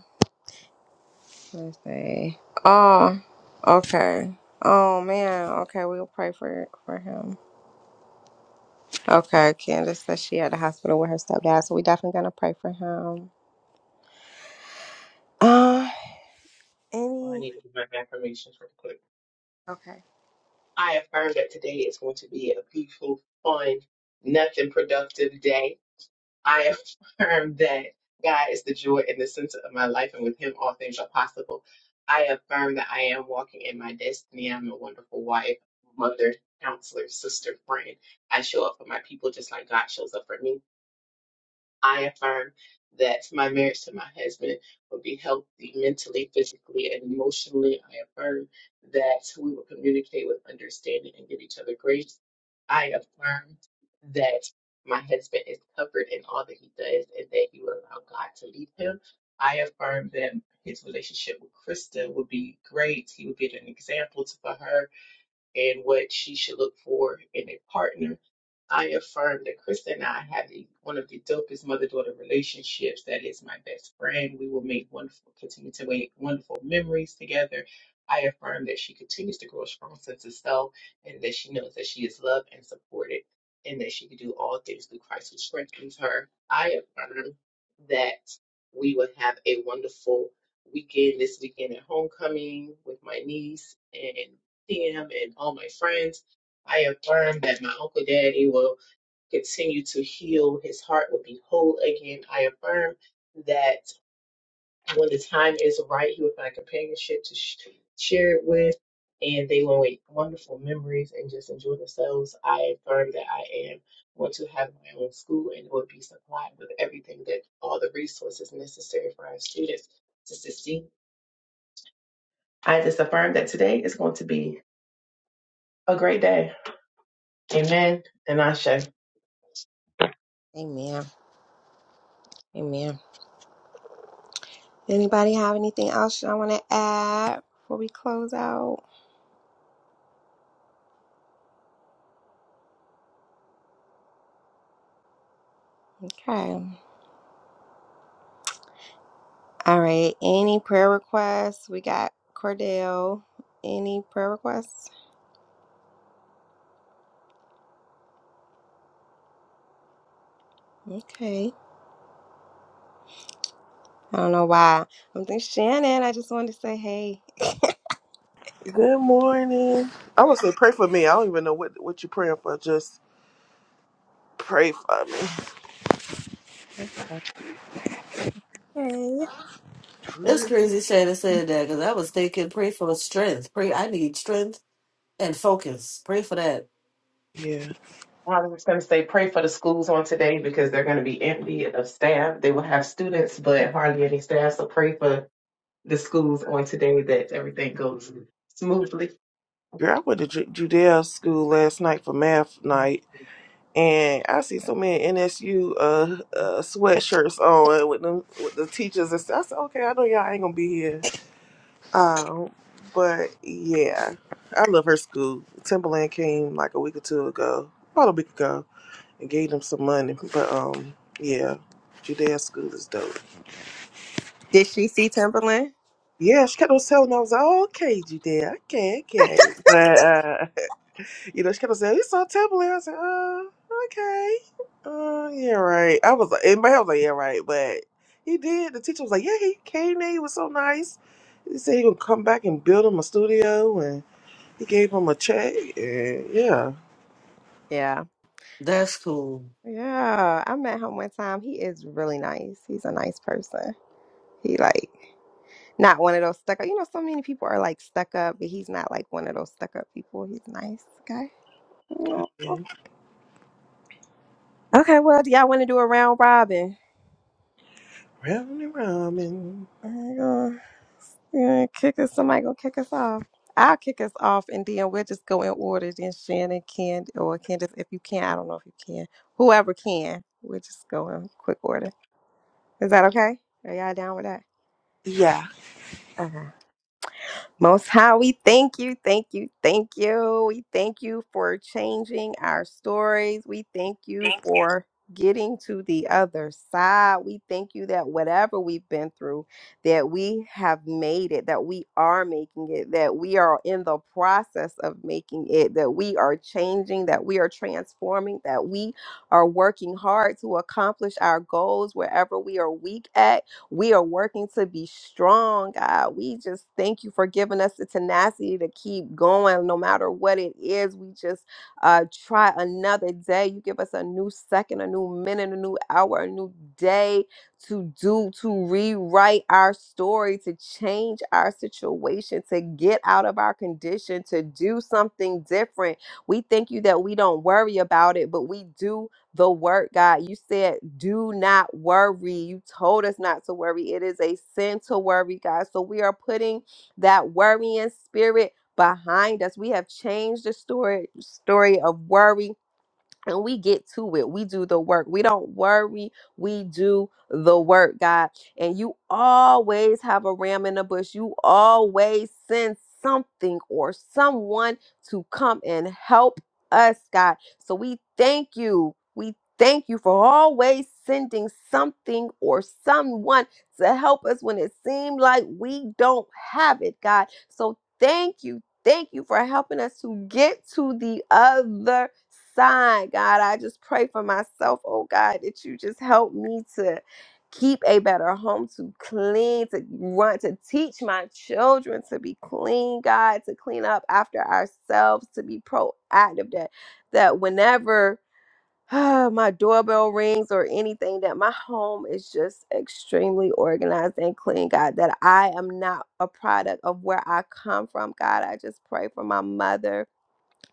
Speaker 1: Let's see. Oh, okay. Oh man. Okay, we'll pray for for him. Okay, Candace says she at the hospital with her stepdad, so we definitely gonna pray for him. Uh,
Speaker 5: Well, I
Speaker 1: any?
Speaker 5: need to do my affirmations real quick.
Speaker 1: Okay.
Speaker 5: I affirm that today is going to be a beautiful, fun, nothing productive day. I affirm that God is the joy and the center of my life, and with Him, all things are possible. I affirm that I am walking in my destiny. I'm a wonderful wife, mother, counselor, sister, friend. I show up for my people just like God shows up for me. I affirm that my marriage to my husband will be healthy mentally, physically, and emotionally. I affirm that we will communicate with understanding and give each other grace. I affirm that my husband is covered in all that he does and that he will allow God to lead him. I affirm that his relationship with Krista will be great. He will be an example to- for her and what she should look for in a partner. I affirm that Krista and I have the, one of the dopest mother-daughter relationships. That is my best friend. We will make wonderful, continue to make wonderful memories together. I affirm that she continues to grow a strong sense of self and that she knows that she is loved and supported and that she can do all things through Christ who strengthens her. I affirm that we will have a wonderful weekend this weekend at homecoming with my niece and him and all my friends. I affirm that my Uncle Daddy will continue to heal. His heart will be whole again. I affirm that when the time is right, he will find companionship to sh- share it with, and they will make wonderful memories and just enjoy themselves. I affirm that I am going to have my own school and will be supplied with everything that all the resources necessary for our students to succeed. I just affirm that today is going to be a great day. Amen. And I shall.
Speaker 1: Amen. Amen. Anybody have anything else y'all want to add before we close out? Okay. All right. Any prayer requests? We got Cordell. Any prayer requests? Okay. I don't know why. I'm thinking Shannon. I just wanted to say hey.
Speaker 3: Good morning. I would say pray for me. I don't even know what what you're praying for. Just pray for me.
Speaker 1: Okay. Hey.
Speaker 4: It's crazy Shannon said that because I was thinking, pray for strength. Pray, I need strength and focus. Pray for that.
Speaker 3: Yeah.
Speaker 5: I was going to say, pray for the schools on today because they're going to be empty of staff. They will have students, but hardly any staff. So pray for the schools on today that everything goes smoothly.
Speaker 3: Girl, I went to Ju- Judea school last night for math night. And I see so many NSU uh, uh sweatshirts on with them with the teachers and stuff. I said, okay, I know y'all ain't gonna be here. Um, but yeah, I love her school. Timberland came like a week or two ago, about a week ago, and gave them some money. But um, yeah, Judea's school is dope.
Speaker 1: Did she see Timberland?
Speaker 3: Yeah, she kept on telling me, I was like, oh, okay, Judea, okay, okay. But, uh, you know, she kept on saying, it's on Timberland. I was like, oh, okay. Uh, yeah, right. I was like, in my head, I was like, yeah, right. But he did. The teacher was like, yeah, he came there. He was so nice. He said he would come back and build him a studio. He gave him a check, and yeah,
Speaker 1: Yeah.
Speaker 4: That's cool.
Speaker 1: Yeah. I met him one time. He is really nice. He's a nice person. He like Not one of those stuck up. You know, so many people are like stuck up, but he's not like one of those stuck up people. He's a nice guy. Oh,
Speaker 3: and
Speaker 1: Okay, well, do y'all want to do a round robin?
Speaker 3: round and round,
Speaker 1: We're gonna, we're gonna kick us. Somebody gonna kick us off. I'll kick us off, and then we'll just go in order. Then Shannon can, or Candace, if you can. I don't know if you can. Whoever can, we'll just go in quick order. Is that okay? Are y'all down with that?
Speaker 3: yeah.
Speaker 1: Okay. Most High, we thank you, thank you, thank you. We thank you for changing our stories. We thank you for getting to the other side. We thank you that whatever we've been through, that we have made it, that we are making it, that we are in the process of making it, that we are changing, that we are transforming, that we are working hard to accomplish our goals wherever we are weak at we are working to be strong, God. We just thank you for giving us the tenacity to keep going no matter what it is. We just uh, try another day. You give us a new second, a new minute, a new hour, a new day to do, to rewrite our story, to change our situation, to get out of our condition, to do something different. We thank you that we don't worry about it, but we do the word, God. You said, do not worry. You told us not to worry. It is a sin to worry, God. So we are putting that worrying spirit behind us. We have changed the story story of worry and we get to it. We do the work. We don't worry. We do the work, God. And you always have a ram in the bush. You always send something or someone to come and help us, God. So we thank you. We thank you for always sending something or someone to help us when it seemed like we don't have it, God. So thank you Thank you for helping us to get to the other side, God. I just pray for myself, oh God, that you just help me to keep a better home, to clean, to run, to teach my children to be clean, God, to clean up after ourselves, to be proactive. That that whenever my doorbell rings or anything that my home is just extremely organized and clean god that i am not a product of where i come from god i just pray for my mother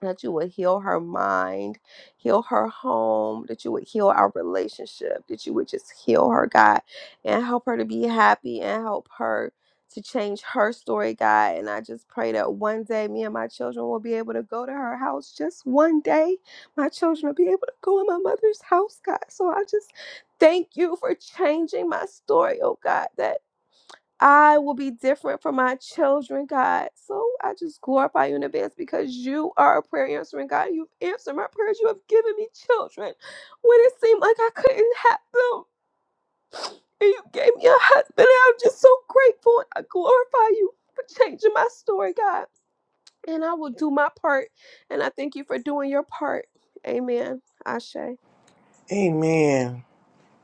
Speaker 1: that you would heal her mind, heal her home, that you would heal our relationship, that you would just heal her, God, and help her to be happy and help her to change her story, God. And I just pray that one day me and my children will be able to go to her house. Just one day, my children will be able to go in my mother's house, God. So I just thank you for changing my story, oh God, That. I will be different for my children, God. So I just glorify you in advance because you are a prayer answering God. You've answered my prayers. You have given me children when it seemed like I couldn't have them. And you gave me a husband. And I'm just so grateful. I glorify you for changing my story, God. And I will do my part. And I thank you for doing your part. Amen. Ashe.
Speaker 3: Amen.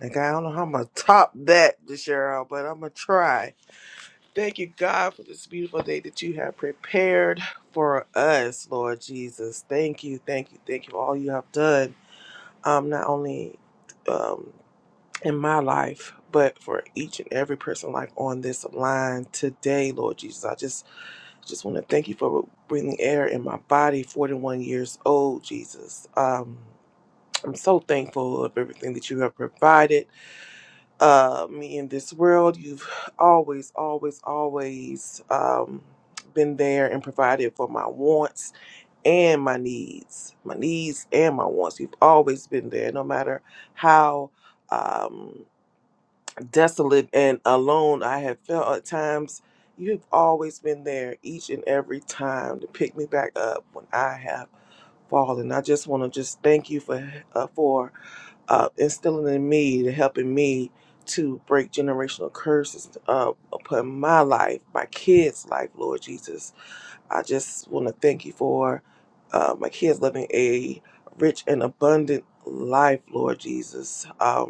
Speaker 3: Like I don't know how I'm gonna top that, Cheryl, but I'm gonna try. Thank you, God, for this beautiful day that you have prepared for us, Lord Jesus. Thank you, thank you, thank you for all you have done. Um, not only um in my life, but for each and every person like on this line today, Lord Jesus. I just I just want to thank you for breathing air in my body 41 years old jesus um i'm so thankful of everything that you have provided uh me in this world you've always always always um been there and provided for my wants and my needs my needs and my wants you've always been there no matter how um desolate and alone I have felt at times. You've always been there each and every time to pick me back up when I have fallen. I just want to just thank you for uh, for uh, instilling in me, to helping me to break generational curses uh, upon my life, my kids' life, Lord Jesus. I just want to thank you for uh, my kids living a rich and abundant life, Lord Jesus. Um,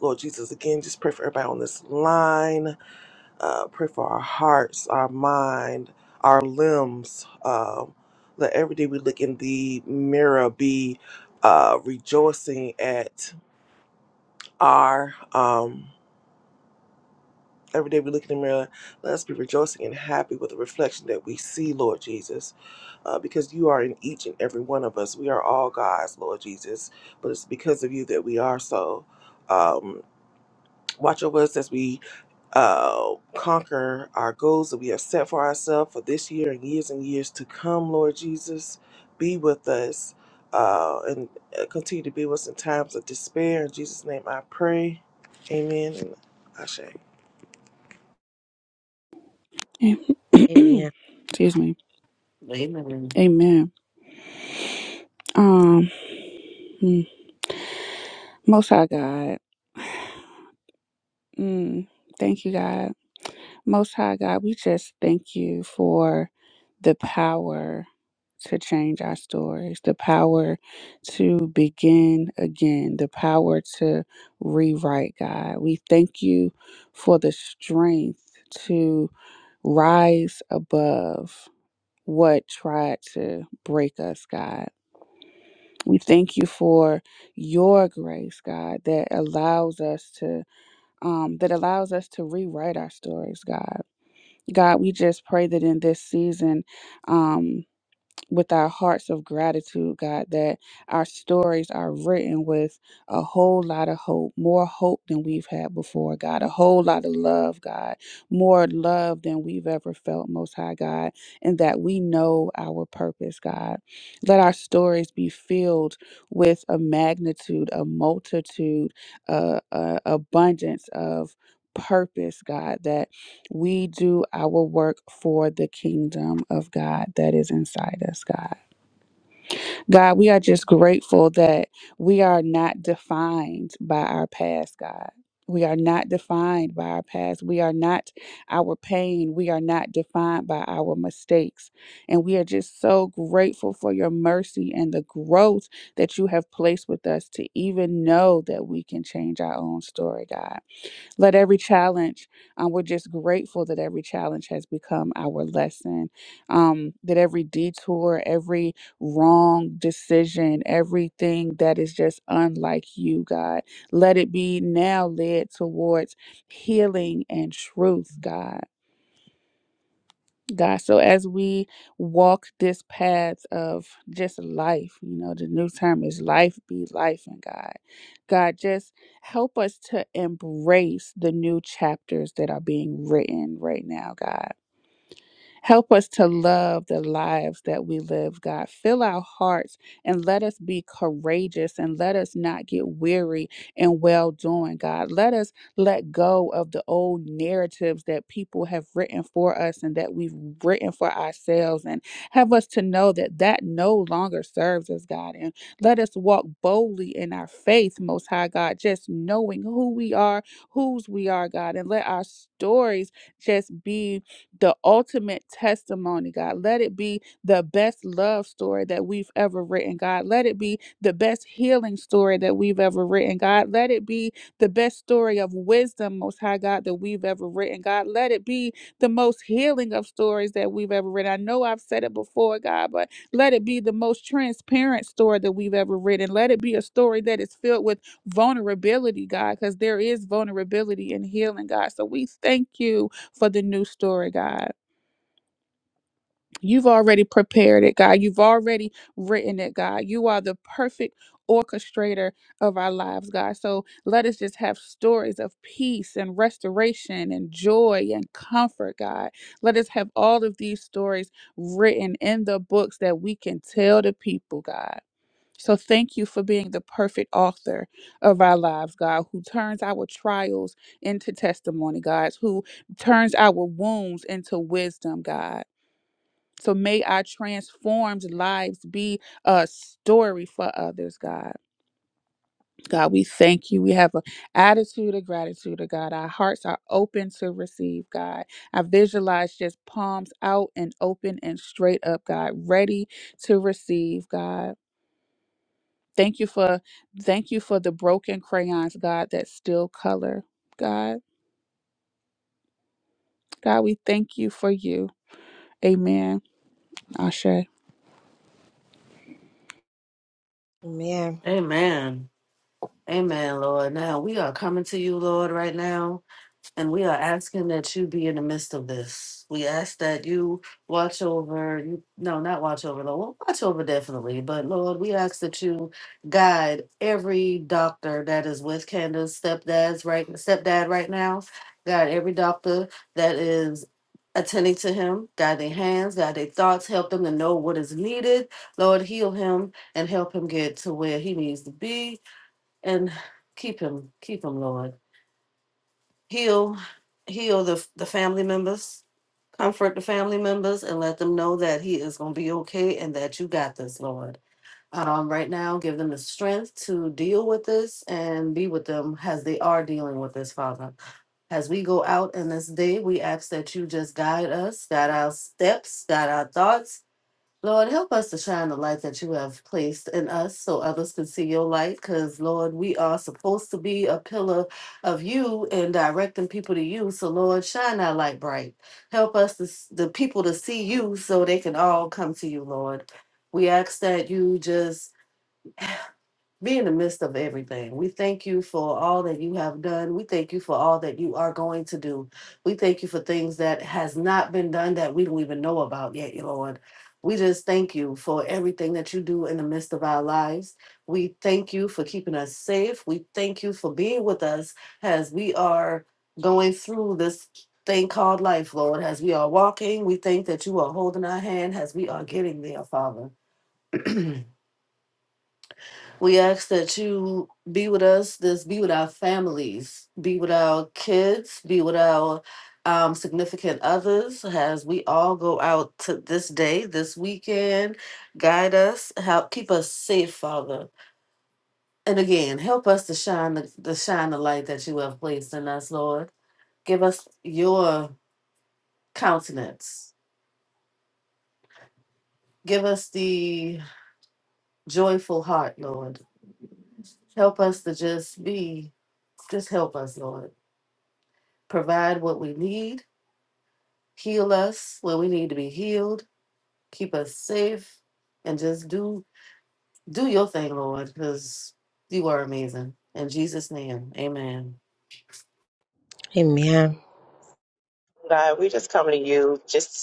Speaker 3: Lord Jesus, again, just pray for everybody on this line. Uh, pray for our hearts, our mind, our limbs. Um, let every day we look in the mirror be uh, rejoicing at our. Um, every day we look in the mirror, let us be rejoicing and happy with the reflection that we see, Lord Jesus, uh, because you are in each and every one of us. We are all God's, Lord Jesus, but it's because of you that we are so. Um, watch over us as we uh, conquer our goals that we have set for ourselves for this year and years and years to come, Lord Jesus. Be with us uh, and uh, continue to be with us in times of despair. In Jesus' name I pray. Amen. And Ashe.
Speaker 2: Excuse me.
Speaker 4: Amen.
Speaker 2: Amen. Um, mm, Most High God. Mm, thank you, God. Most High God, we just thank you for the power to change our stories, the power to begin again, the power to rewrite, God. We thank you for the strength to rise above what tried to break us, God. We thank you for your grace, God, that allows us to um, that allows us to rewrite our stories, God. God, we just pray that in this season, um, with our hearts of gratitude, God, that our stories are written with a whole lot of hope, more hope than we've had before, God, a whole lot of love, God, more love than we've ever felt, Most High God, and that we know our purpose, God. Let our stories be filled with a magnitude, a multitude, a, a abundance of purpose, God, that we do our work for the kingdom of God that is inside us, God. God, we are just grateful that we are not defined by our past, God. We are not defined by our past. We are not our pain. We are not defined by our mistakes. And we are just so grateful for your mercy and the growth that you have placed with us to even know that we can change our own story, God. Let every challenge, um, we're just grateful that every challenge has become our lesson. Um, that every detour, every wrong decision, everything that is just unlike you, God, let it be now led towards healing and truth, God. God. So as we walk this path of just life, you know, the new term is life be life in God. God, just help us to embrace the new chapters that are being written right now, God. Help us to love the lives that we live, God. Fill our hearts and let us be courageous and let us not get weary in well doing, God. Let us let go of the old narratives that people have written for us and that we've written for ourselves and have us to know that that no longer serves us, God. And let us walk boldly in our faith, Most High God, just knowing who we are, whose we are, God, and let our stories just be the ultimate testimony, God. Let it be the best love story that we've ever written, God. Let it be the best healing story that we've ever written, God. Let it be the best story of wisdom, Most High God, that we've ever written, God. Let it be the most healing of stories that we've ever written. I know I've said it before, God, but let it be the most transparent story that we've ever written. Let it be a story that is filled with vulnerability, God, because there is vulnerability in healing, God. So we thank you for the new story, God. You've already prepared it, God. You've already written it, God. You are the perfect orchestrator of our lives, God. So let us just have stories of peace and restoration and joy and comfort, God. Let us have all of these stories written in the books that we can tell the people, God. So thank you for being the perfect author of our lives, God, who turns our trials into testimony, God, who turns our wounds into wisdom, God. So may our transformed lives be a story for others, God. God, we thank you. We have an attitude of gratitude, oh God. Our hearts are open to receive, God. I visualize just palms out and open and straight up, God, ready to receive, God. Thank you for thank you for the broken crayons, God, that still color. God, God, we thank you for you. Amen. Ashe.
Speaker 1: Amen.
Speaker 4: Amen. Amen, Lord. Now we are coming to you, Lord, right now. And we are asking that you be in the midst of this. We ask that you watch over, you, no, not watch over, Lord, watch over definitely, but Lord, we ask that you guide every doctor that is with Candace's stepdad's right stepdad right now. Guide every doctor that is attending to him, guide their hands, guide their thoughts, help them to know what is needed. Lord, heal him and help him get to where he needs to be and keep him, keep him, Lord heal heal the the family members comfort the family members and let them know that he is going to be okay and that you got this lord um, right now give them the strength to deal with this and be with them as they are dealing with this father as we go out in this day we ask that you just guide us guide our steps guide our thoughts Lord, help us to shine the light that you have placed in us so others can see your light. Because, Lord, we are supposed to be a pillar of you and directing people to you. So, Lord, shine our light bright. Help us, to, s- the people, to see you so they can all come to you, Lord. We ask that you just be in the midst of everything. We thank you for all that you have done. We thank you for all that you are going to do. We thank you for things that has not been done that we don't even know about yet, Lord. We just thank you for everything that you do in the midst of our lives. We thank you for keeping us safe. We thank you for being with us as we are going through this thing called life, Lord. As we are walking, we thank that you are holding our hand as we are getting there, Father. We ask that you be with us, this be with our families, be with our kids, be with our um, significant others as we all go out to this day, this weekend. Guide us, help keep us safe, Father. And again, help us to shine the, the shine the light that you have placed in us, Lord. Give us your countenance. Give us the joyful heart, Lord. Help us to just be, just help us, Lord. provide what we need, heal us where we need to be healed, keep us safe, and just do do your thing, Lord, because you are amazing. In Jesus' name, amen.
Speaker 1: Amen.
Speaker 5: God, we just come to you just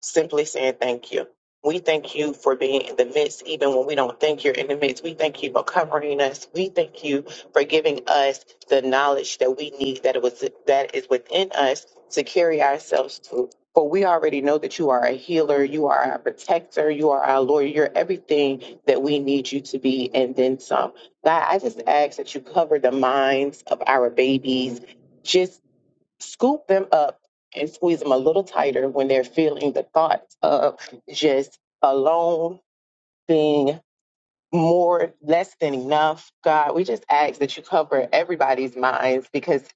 Speaker 5: simply saying thank you. We thank you for being in the midst, even when we don't think you're in the midst. We thank you for covering us. We thank you for giving us the knowledge that we need that it was that is within us to carry ourselves to. For we already know that you are a healer, you are our protector, you are our lawyer, you're everything that we need you to be, and then some. God, I just ask that you cover the minds of our babies. just scoop them up and squeeze them a little tighter when they're feeling the thoughts of just alone, being more, less than enough. God, we just ask that you cover everybody's minds because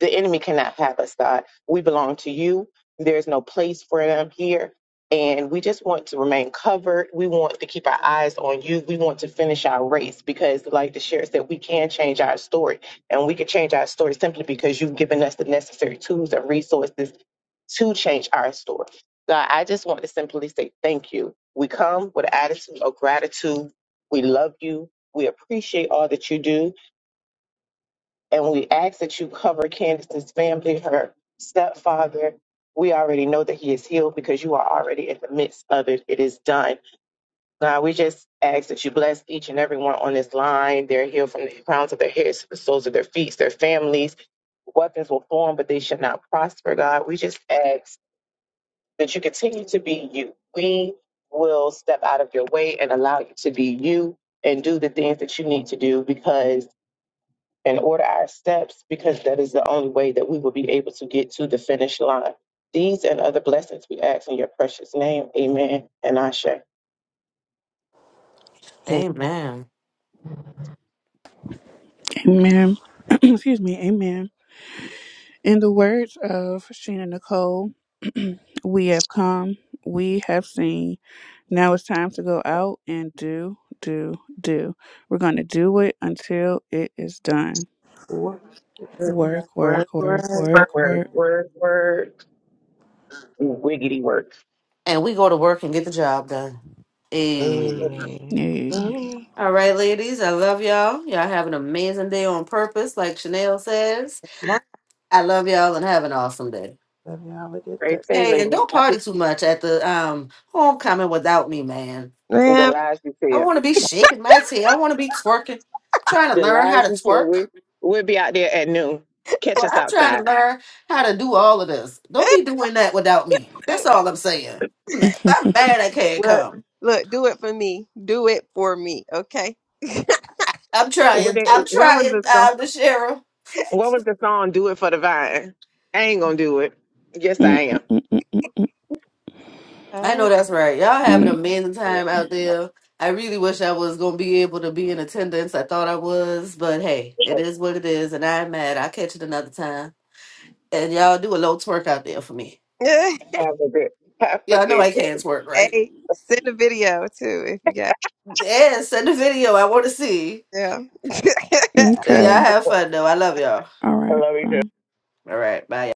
Speaker 5: the enemy cannot have us, God. We belong to you. There's no place for them here. And we just want to remain covered. We want to keep our eyes on you. We want to finish our race because, like the sheriff said, we can change our story. And we can change our story simply because you've given us the necessary tools and resources to change our story. God, I just want to simply say thank you. We come with an attitude of gratitude. We love you. We appreciate all that you do and we ask that you cover Candace's family, her stepfather. We already know that he is healed because you are already in the midst of it. It is done. God, we just ask that you bless each and everyone on this line. They're healed from the crowns of their heads to the soles of their feet, their families. Weapons will form, but they should not prosper, God. We just ask that you continue to be you. We will step out of your way and allow you to be you and do the things that you need to do because and order our steps because that is the only way that we will be able to get to the finish line. These and other blessings we ask in your precious name. Amen. And Ashe.
Speaker 4: Amen.
Speaker 2: Amen. Excuse me. Amen. In the words of Sheena Nicole, we have come, we have seen. Now it's time to go out and do, do, do. We're going to do it until it is done.
Speaker 3: Work, work,
Speaker 2: Work, work,
Speaker 3: work,
Speaker 2: work,
Speaker 3: work.
Speaker 2: work,
Speaker 5: Word,
Speaker 2: work.
Speaker 5: word, word. Wiggity work.
Speaker 4: And we go to work and get the job done. Hey.
Speaker 3: Amen.
Speaker 2: Yay.
Speaker 3: Amen.
Speaker 4: All right, ladies, I love y'all. Y'all have an amazing day on purpose, like Chanel says.
Speaker 3: Love
Speaker 4: I love y'all and have an awesome day.
Speaker 3: y'all. Have a good day.
Speaker 5: Great thing,
Speaker 4: Hey, and
Speaker 5: ladies.
Speaker 4: don't party too much at the um homecoming without me, man.
Speaker 5: The
Speaker 1: Amen.
Speaker 5: lies you
Speaker 4: I
Speaker 5: tell.
Speaker 4: want to be shaking my tail. I want to be twerking. I'm trying to
Speaker 5: The
Speaker 4: learn how
Speaker 5: lies
Speaker 4: to
Speaker 5: you tell.
Speaker 4: twerk.
Speaker 5: We, we'll be out there at noon. Catch
Speaker 4: Well,
Speaker 5: us
Speaker 4: I'm trying to
Speaker 5: outside.
Speaker 4: learn how to do all of this. Don't be doing that without me. That's all I'm saying. I'm mad I'm mad I can't
Speaker 1: well,
Speaker 4: come.
Speaker 1: look, do it for me. Do it for me. Okay.
Speaker 4: I'm
Speaker 5: What,
Speaker 4: trying.
Speaker 5: they,
Speaker 4: I'm
Speaker 5: what was
Speaker 4: trying,
Speaker 5: the song?
Speaker 4: uh, the sheriff.
Speaker 5: What was the song? Do it for the vine. I ain't gonna do it. Yes,
Speaker 2: Mm,
Speaker 5: I
Speaker 2: mm,
Speaker 5: am.
Speaker 2: mm,
Speaker 4: I
Speaker 1: Oh,
Speaker 4: know that's right. Y'all having
Speaker 2: mm,
Speaker 4: an amazing
Speaker 1: yeah.
Speaker 4: time out there. I really wish I was going to be able to be in attendance. I thought I was, but hey, it is what it is, and I'm mad. I'll catch it another time. And y'all do a little twerk out there for me.
Speaker 5: Have a good. Have a
Speaker 4: Y'all know
Speaker 5: good
Speaker 4: I
Speaker 5: day.
Speaker 4: can't twerk, right?
Speaker 1: hey,
Speaker 2: mm.
Speaker 1: send a video too if you got.
Speaker 4: Yeah, send the video. I want to see.
Speaker 1: Yeah.
Speaker 4: Yeah,
Speaker 2: Okay.
Speaker 4: have fun though. I love y'all.
Speaker 2: All right. Well.
Speaker 4: All right, bye.